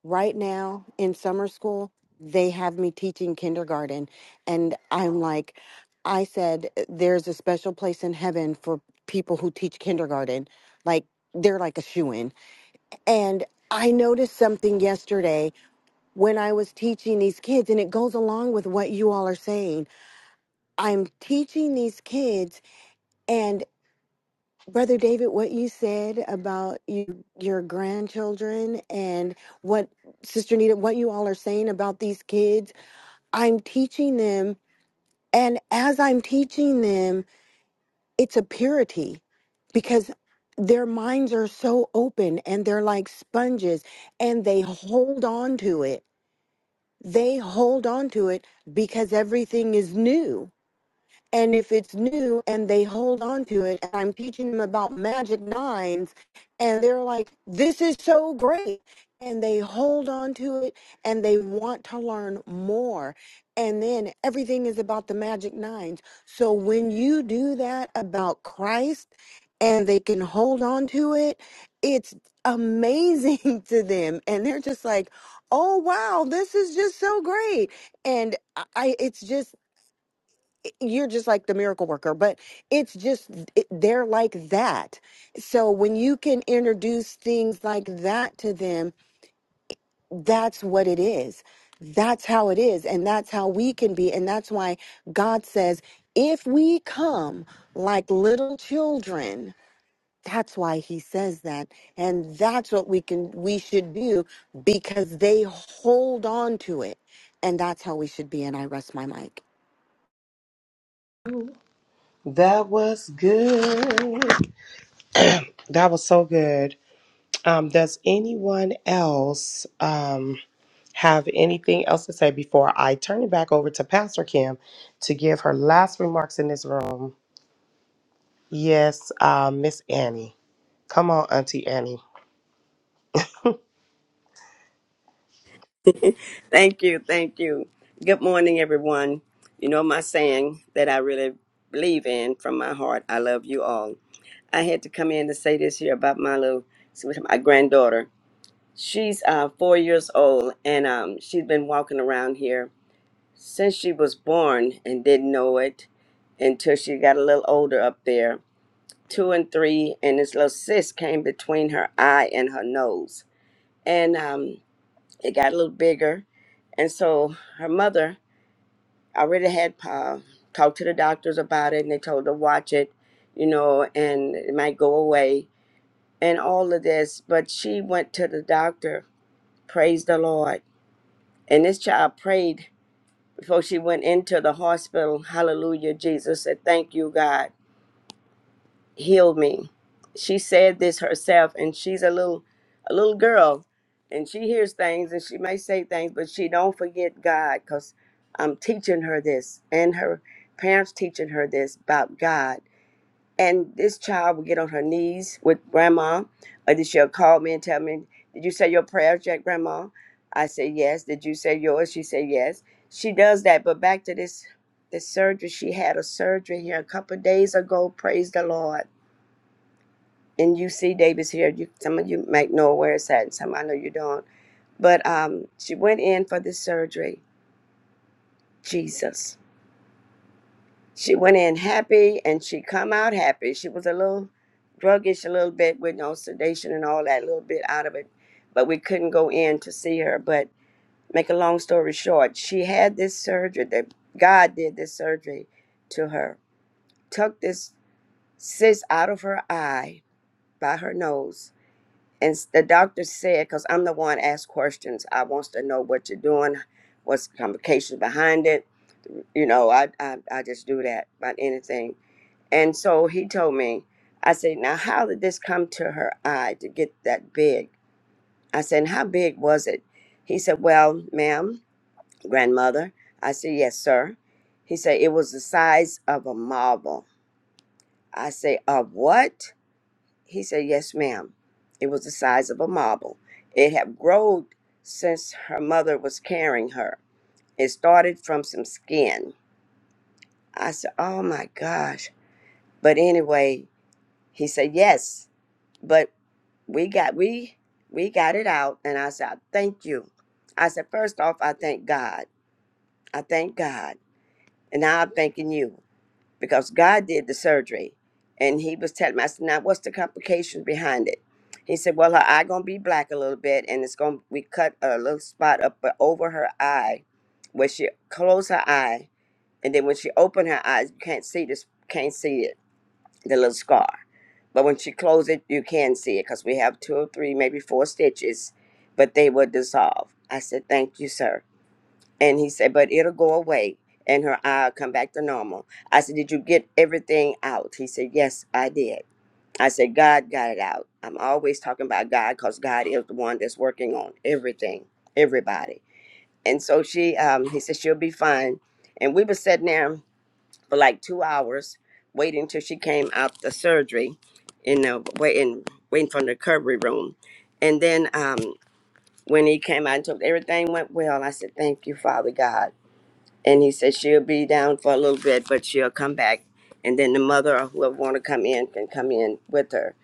L: Right now in summer school, they have me teaching kindergarten. And I'm like, I said, there's a special place in heaven for people who teach kindergarten. Like they're like a shoe in. And I noticed something yesterday when I was teaching these kids, and it goes along with what you all are saying. I'm teaching these kids, and Brother David, what you said about you, your grandchildren and what Sister Nita, what you all are saying about these kids, I'm teaching them. And as I'm teaching them, it's a purity because their minds are so open and they're like sponges and they hold on to it they hold on to it because everything is new. And if it's new and they hold on to it, and I'm teaching them about magic nines, and they're like, this is so great. And they hold on to it and they want to learn more. And then everything is about the magic nines. So when you do that about Christ and they can hold on to it, it's amazing to them. And they're just like, oh, wow, this is just so great. And I, I- it's just, you're just like the miracle worker but it's just it, they're like that so when you can introduce things like that to them that's what it is that's how it is and that's how we can be and that's why god says if we come like little children that's why he says that and that's what we can we should do because they hold on to it and that's how we should be and i rest my mic
B: That was good. That was so good. Um, does anyone else um, have anything else to say before I turn it back over to Pastor Kim to give her last remarks in this room? Yes, uh, Miss Annie. Come on, Auntie Annie.
M: Thank you. Thank you. Good morning, everyone. You know my saying that I really believe in from my heart. I love you all. I had to come in to say this here about my little, my granddaughter. She's uh, four years old, and um, she's been walking around here since she was born and didn't know it until she got a little older up there, two and three, and this little cyst came between her eye and her nose, and um, it got a little bigger, and so her mother I already had uh, talked to the doctors about it, and they told her watch it, you know, and it might go away and all of this. But she went to the doctor, praise the Lord, and this child prayed before she went into the hospital. Hallelujah, Jesus said, "Thank you, God." heal me. She said this herself, and she's a little, a little girl, and she hears things, and she may say things, but she don't forget God, cause I'm teaching her this, and her parents teaching her this about God. And this child will get on her knees with grandma, or then she'll call me and tell me, "Did you say your prayers yet, grandma?" I say yes. Did you say yours? She said yes. She does that, but back to this, this surgery. She had a surgery here a couple of days ago. Praise the Lord and you see Davis here. You, some of you might know where it's at, and some I know you don't. But um, she went in for this surgery. Jesus, she went in happy, and she come out happy. She was a little druggish, a little bit with no sedation and all that, a little bit out of it. But we couldn't go in to see her. But make a long story short, she had this surgery that God did this surgery to her, took this cyst out of her eye by her nose, And s- the doctor said, because I'm the one asked questions, I wants to know what you're doing, what's the complications behind it. You know, I, I, I just do that about anything. And so he told me, I said, now how did this come to her eye to get that big? I said, and how big was it? He said, well, ma'am, grandmother. I said, yes, sir. He said, it was the size of a marble. I say, of what? He said, Yes, ma'am. It was the size of a marble. It had grown since her mother was carrying her. It started from some skin. I said, Oh my gosh. But anyway, he said, Yes. But we got we we got it out and I said, Thank you. I said, "First off, I thank God. I thank God. And now I'm thanking you. because God did the surgery. And he was telling me, I said, now what's the complications behind it? He said, well, her eye gonna be black a little bit, and it's gonna we cut a little spot up over her eye, where she closed her eye, and then when she opened her eyes, you can't see this, can't see it, the little scar. But when she closed it, you can see it because we have two or three, maybe four stitches, but they will dissolve. I said, thank you, sir. And he said, but it'll go away and her eye will come back to normal. I said, did you get everything out? He said, yes, I did. I said, God got it out. I'm always talking about God because God is the one that's working on everything, everybody. And so she, um, he said, she'll be fine. And we were sitting there for like two hours waiting till she came out the surgery, you know, waiting, waiting for the recovery room. And then um, when he came out and took everything went well, I said, thank you, Father God and he said she'll be down for a little bit, but she'll come back, and then the mother or whoever want to come in can come in with her,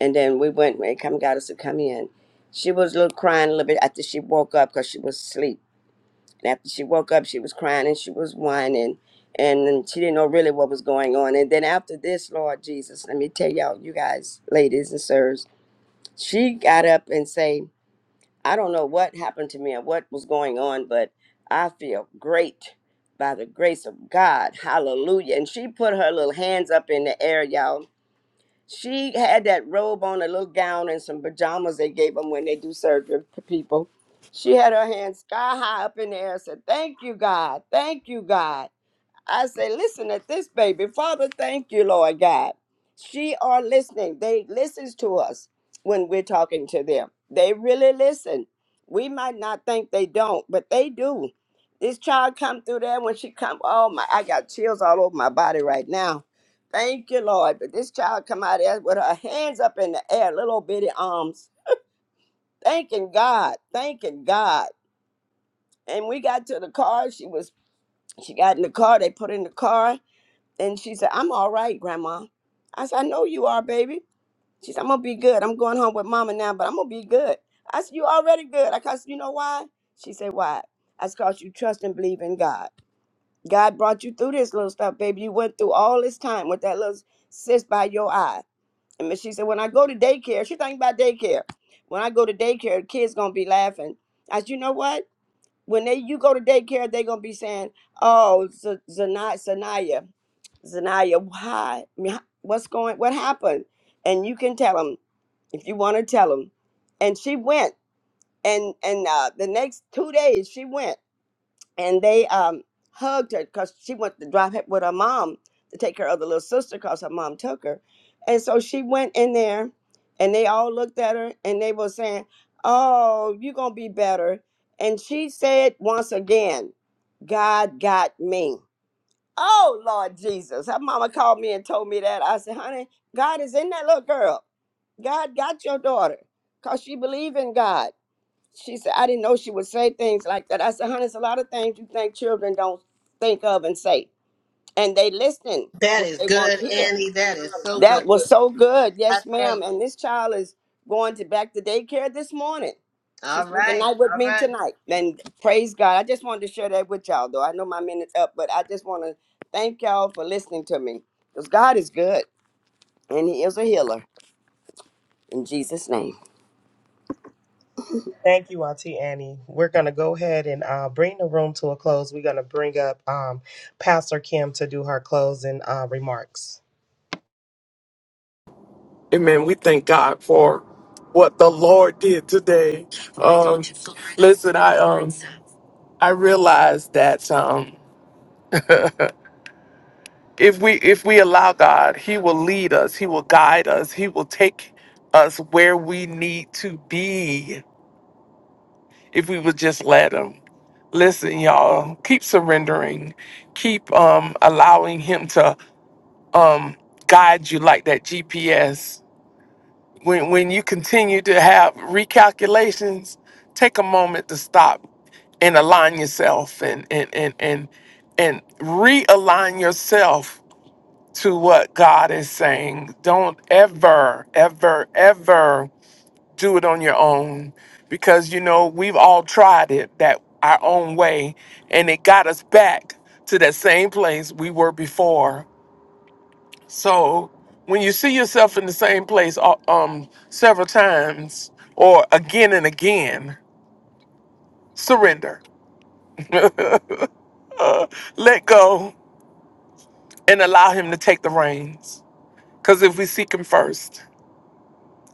M: and then we went and come got us to come in. She was a little crying a little bit after she woke up because she was asleep. And after she woke up, she was crying and she was whining, and then she didn't know really what was going on. And then after this, Lord Jesus, let me tell y'all, you guys, ladies and sirs, she got up and say. I don't know what happened to me and what was going on, but I feel great by the grace of God. Hallelujah. And she put her little hands up in the air, y'all. She had that robe on, a little gown, and some pajamas they gave them when they do surgery to people. She had her hands sky high up in the air, said, Thank you, God. Thank you, God. I say, listen at this baby. Father, thank you, Lord God. She are listening. They listens to us when we're talking to them. They really listen. We might not think they don't, but they do. This child come through there when she come. Oh my, I got chills all over my body right now. Thank you, Lord. But this child come out of there with her hands up in the air, little bitty arms. Thanking God. Thanking God. And we got to the car. She was she got in the car. They put in the car and she said, I'm all right, Grandma. I said, I know you are, baby. She said, I'm going to be good. I'm going home with Mama now, but I'm going to be good. I said, You already good. I said, You know why? She said, Why? I said, Because you trust and believe in God. God brought you through this little stuff, baby. You went through all this time with that little cyst by your eye. And she said, When I go to daycare, she think about daycare. When I go to daycare, the kids going to be laughing. I said, You know what? When they you go to daycare, they're gonna be saying, "Oh, Zanaya, Zanaya, Zanaya, why? I mean, What's going? What happened?" And you can tell them if you want to tell them. And she went, and and uh, the next two days she went and they um, hugged her because she went to drive with her mom to take care of the little sister because her mom took her. And so she went in there and they all looked at her and they were saying, Oh, you're going to be better. And she said once again, God got me. Oh, Lord Jesus. Her mama called me and told me that. I said, honey, God is in that little girl. God got your daughter because she believed in God she said, I didn't know she would say things like that. I said, honey, it's a lot of things you think children don't think of and say. And they listen
A: That
M: what
A: is
M: they want to
A: good,
M: hear.
A: Annie. That is so good.
M: That was so good.
A: I
M: Yes,
A: tell
M: ma'am. And this child is going to back to daycare this morning. She
A: All
M: spent the
A: right.
M: night with
A: All
M: me
A: right.
M: tonight. And praise God. I just wanted to share that with y'all, though. I know my minute's up, but I just want to thank y'all for listening to me. Because God is good and He is a healer. In Jesus' name.
B: Thank you, Auntie Annie. We're going to go ahead and uh, bring the room to a close. We're going to bring up um, Pastor Kim to do her closing uh, remarks.
C: Amen. We thank God for what the Lord did today. Um, listen, I um, I realized that um, if we if we allow God, He will lead us. He will guide us. He will take us where we need to be. if we would just let him. Listen, y'all, keep surrendering. Keep um allowing him to um guide you like that GPS. When when you continue to have recalculations, take a moment to stop and align yourself and and and and, and realign yourself to what God is saying. Don't ever, ever, ever do it on your own because you know we've all tried it that our own way and it got us back to that same place we were before so when you see yourself in the same place uh, um several times or again and again surrender let go and allow him to take the reins because if we seek him first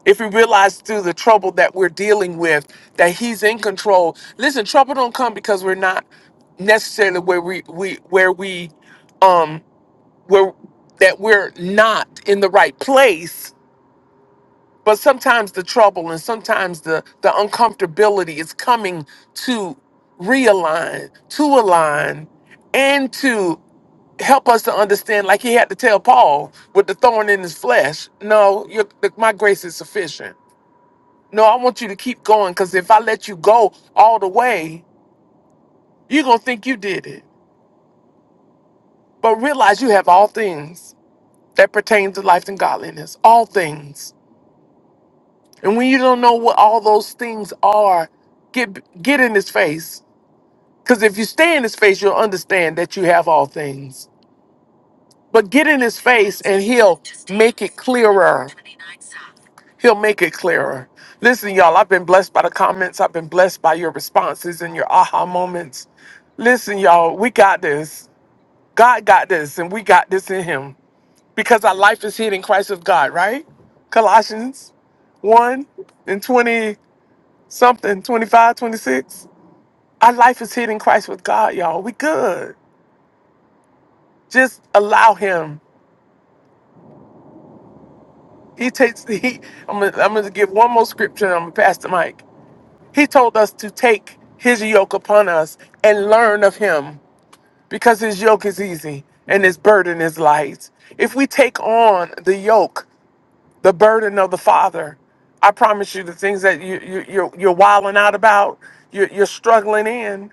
C: if we realize through the trouble that we're dealing with that he's in control listen trouble don't come because we're not necessarily where we, we where we um where that we're not in the right place but sometimes the trouble and sometimes the the uncomfortability is coming to realign to align and to help us to understand like he had to tell paul with the thorn in his flesh no your, my grace is sufficient no, I want you to keep going because if I let you go all the way, you're going to think you did it. But realize you have all things that pertain to life and godliness, all things. And when you don't know what all those things are, get get in his face. Because if you stay in his face, you'll understand that you have all things. But get in his face and he'll make it clearer. He'll make it clearer. Listen, y'all, I've been blessed by the comments. I've been blessed by your responses and your aha moments. Listen, y'all, we got this. God got this, and we got this in him because our life is hid in Christ with God, right? Colossians 1 and 20 something, 25, 26. Our life is hid in Christ with God, y'all. We good. Just allow him. He takes the he. I'm gonna, I'm gonna give one more scripture. and I'm gonna pass the mic. He told us to take his yoke upon us and learn of him, because his yoke is easy and his burden is light. If we take on the yoke, the burden of the Father, I promise you, the things that you, you you're you're wilding out about, you're, you're struggling in.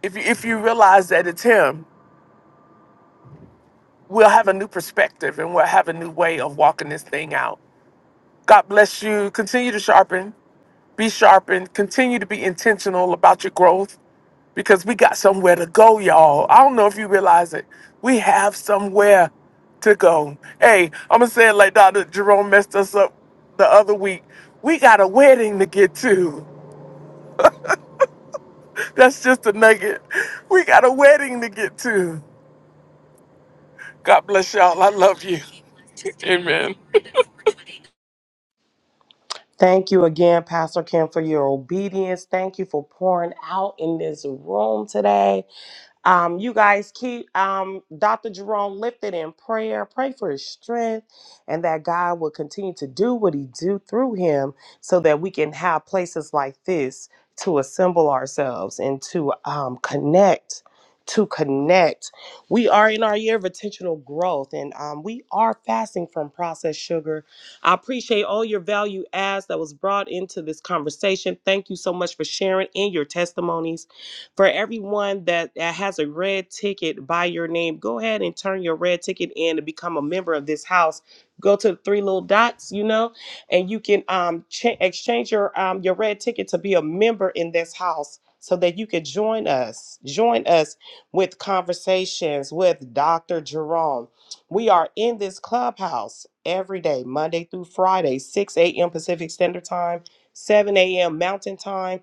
C: If you, if you realize that it's him, we'll have a new perspective and we'll have a new way of walking this thing out. God bless you. Continue to sharpen. Be sharpened. Continue to be intentional about your growth because we got somewhere to go, y'all. I don't know if you realize it. We have somewhere to go. Hey, I'm going to say it like Dr. Jerome messed us up the other week. We got a wedding to get to. That's just a nugget. We got a wedding to get to. God bless y'all. I love you. Amen.
B: Thank you again, Pastor Kim, for your obedience. Thank you for pouring out in this room today. Um, you guys keep um, Dr. Jerome lifted in prayer. Pray for his strength and that God will continue to do what he do through him so that we can have places like this to assemble ourselves and to um, connect, to connect. We are in our year of intentional growth and um, we are fasting from processed sugar. I appreciate all your value adds that was brought into this conversation. Thank you so much for sharing in your testimonies. For everyone that, has a red ticket by your name, go ahead and turn your red ticket in and become a member of this house. Go to the three little dots, you know, and you can um cha- exchange your um your red ticket to be a member in this house so that you can join us. Join us with conversations with Dr. Jerome. We are in this clubhouse every day, Monday through Friday, 6 a.m. Pacific Standard Time, 7 a.m. Mountain Time,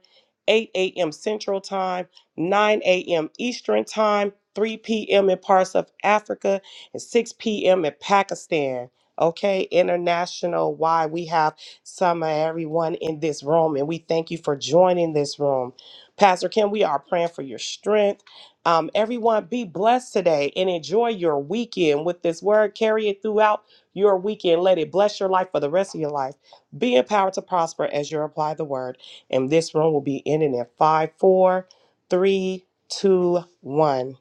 B: 8 a.m. Central Time. 9 a.m. Eastern Time, 3 p.m. in parts of Africa, and 6 p.m. in Pakistan. Okay, international why we have some of everyone in this room, and we thank you for joining this room. Pastor Kim, we are praying for your strength. Um, everyone, be blessed today and enjoy your weekend with this word. Carry it throughout your weekend. Let it bless your life for the rest of your life. Be empowered to prosper as you apply the word. And this room will be ending at 5 4 Three, two, one.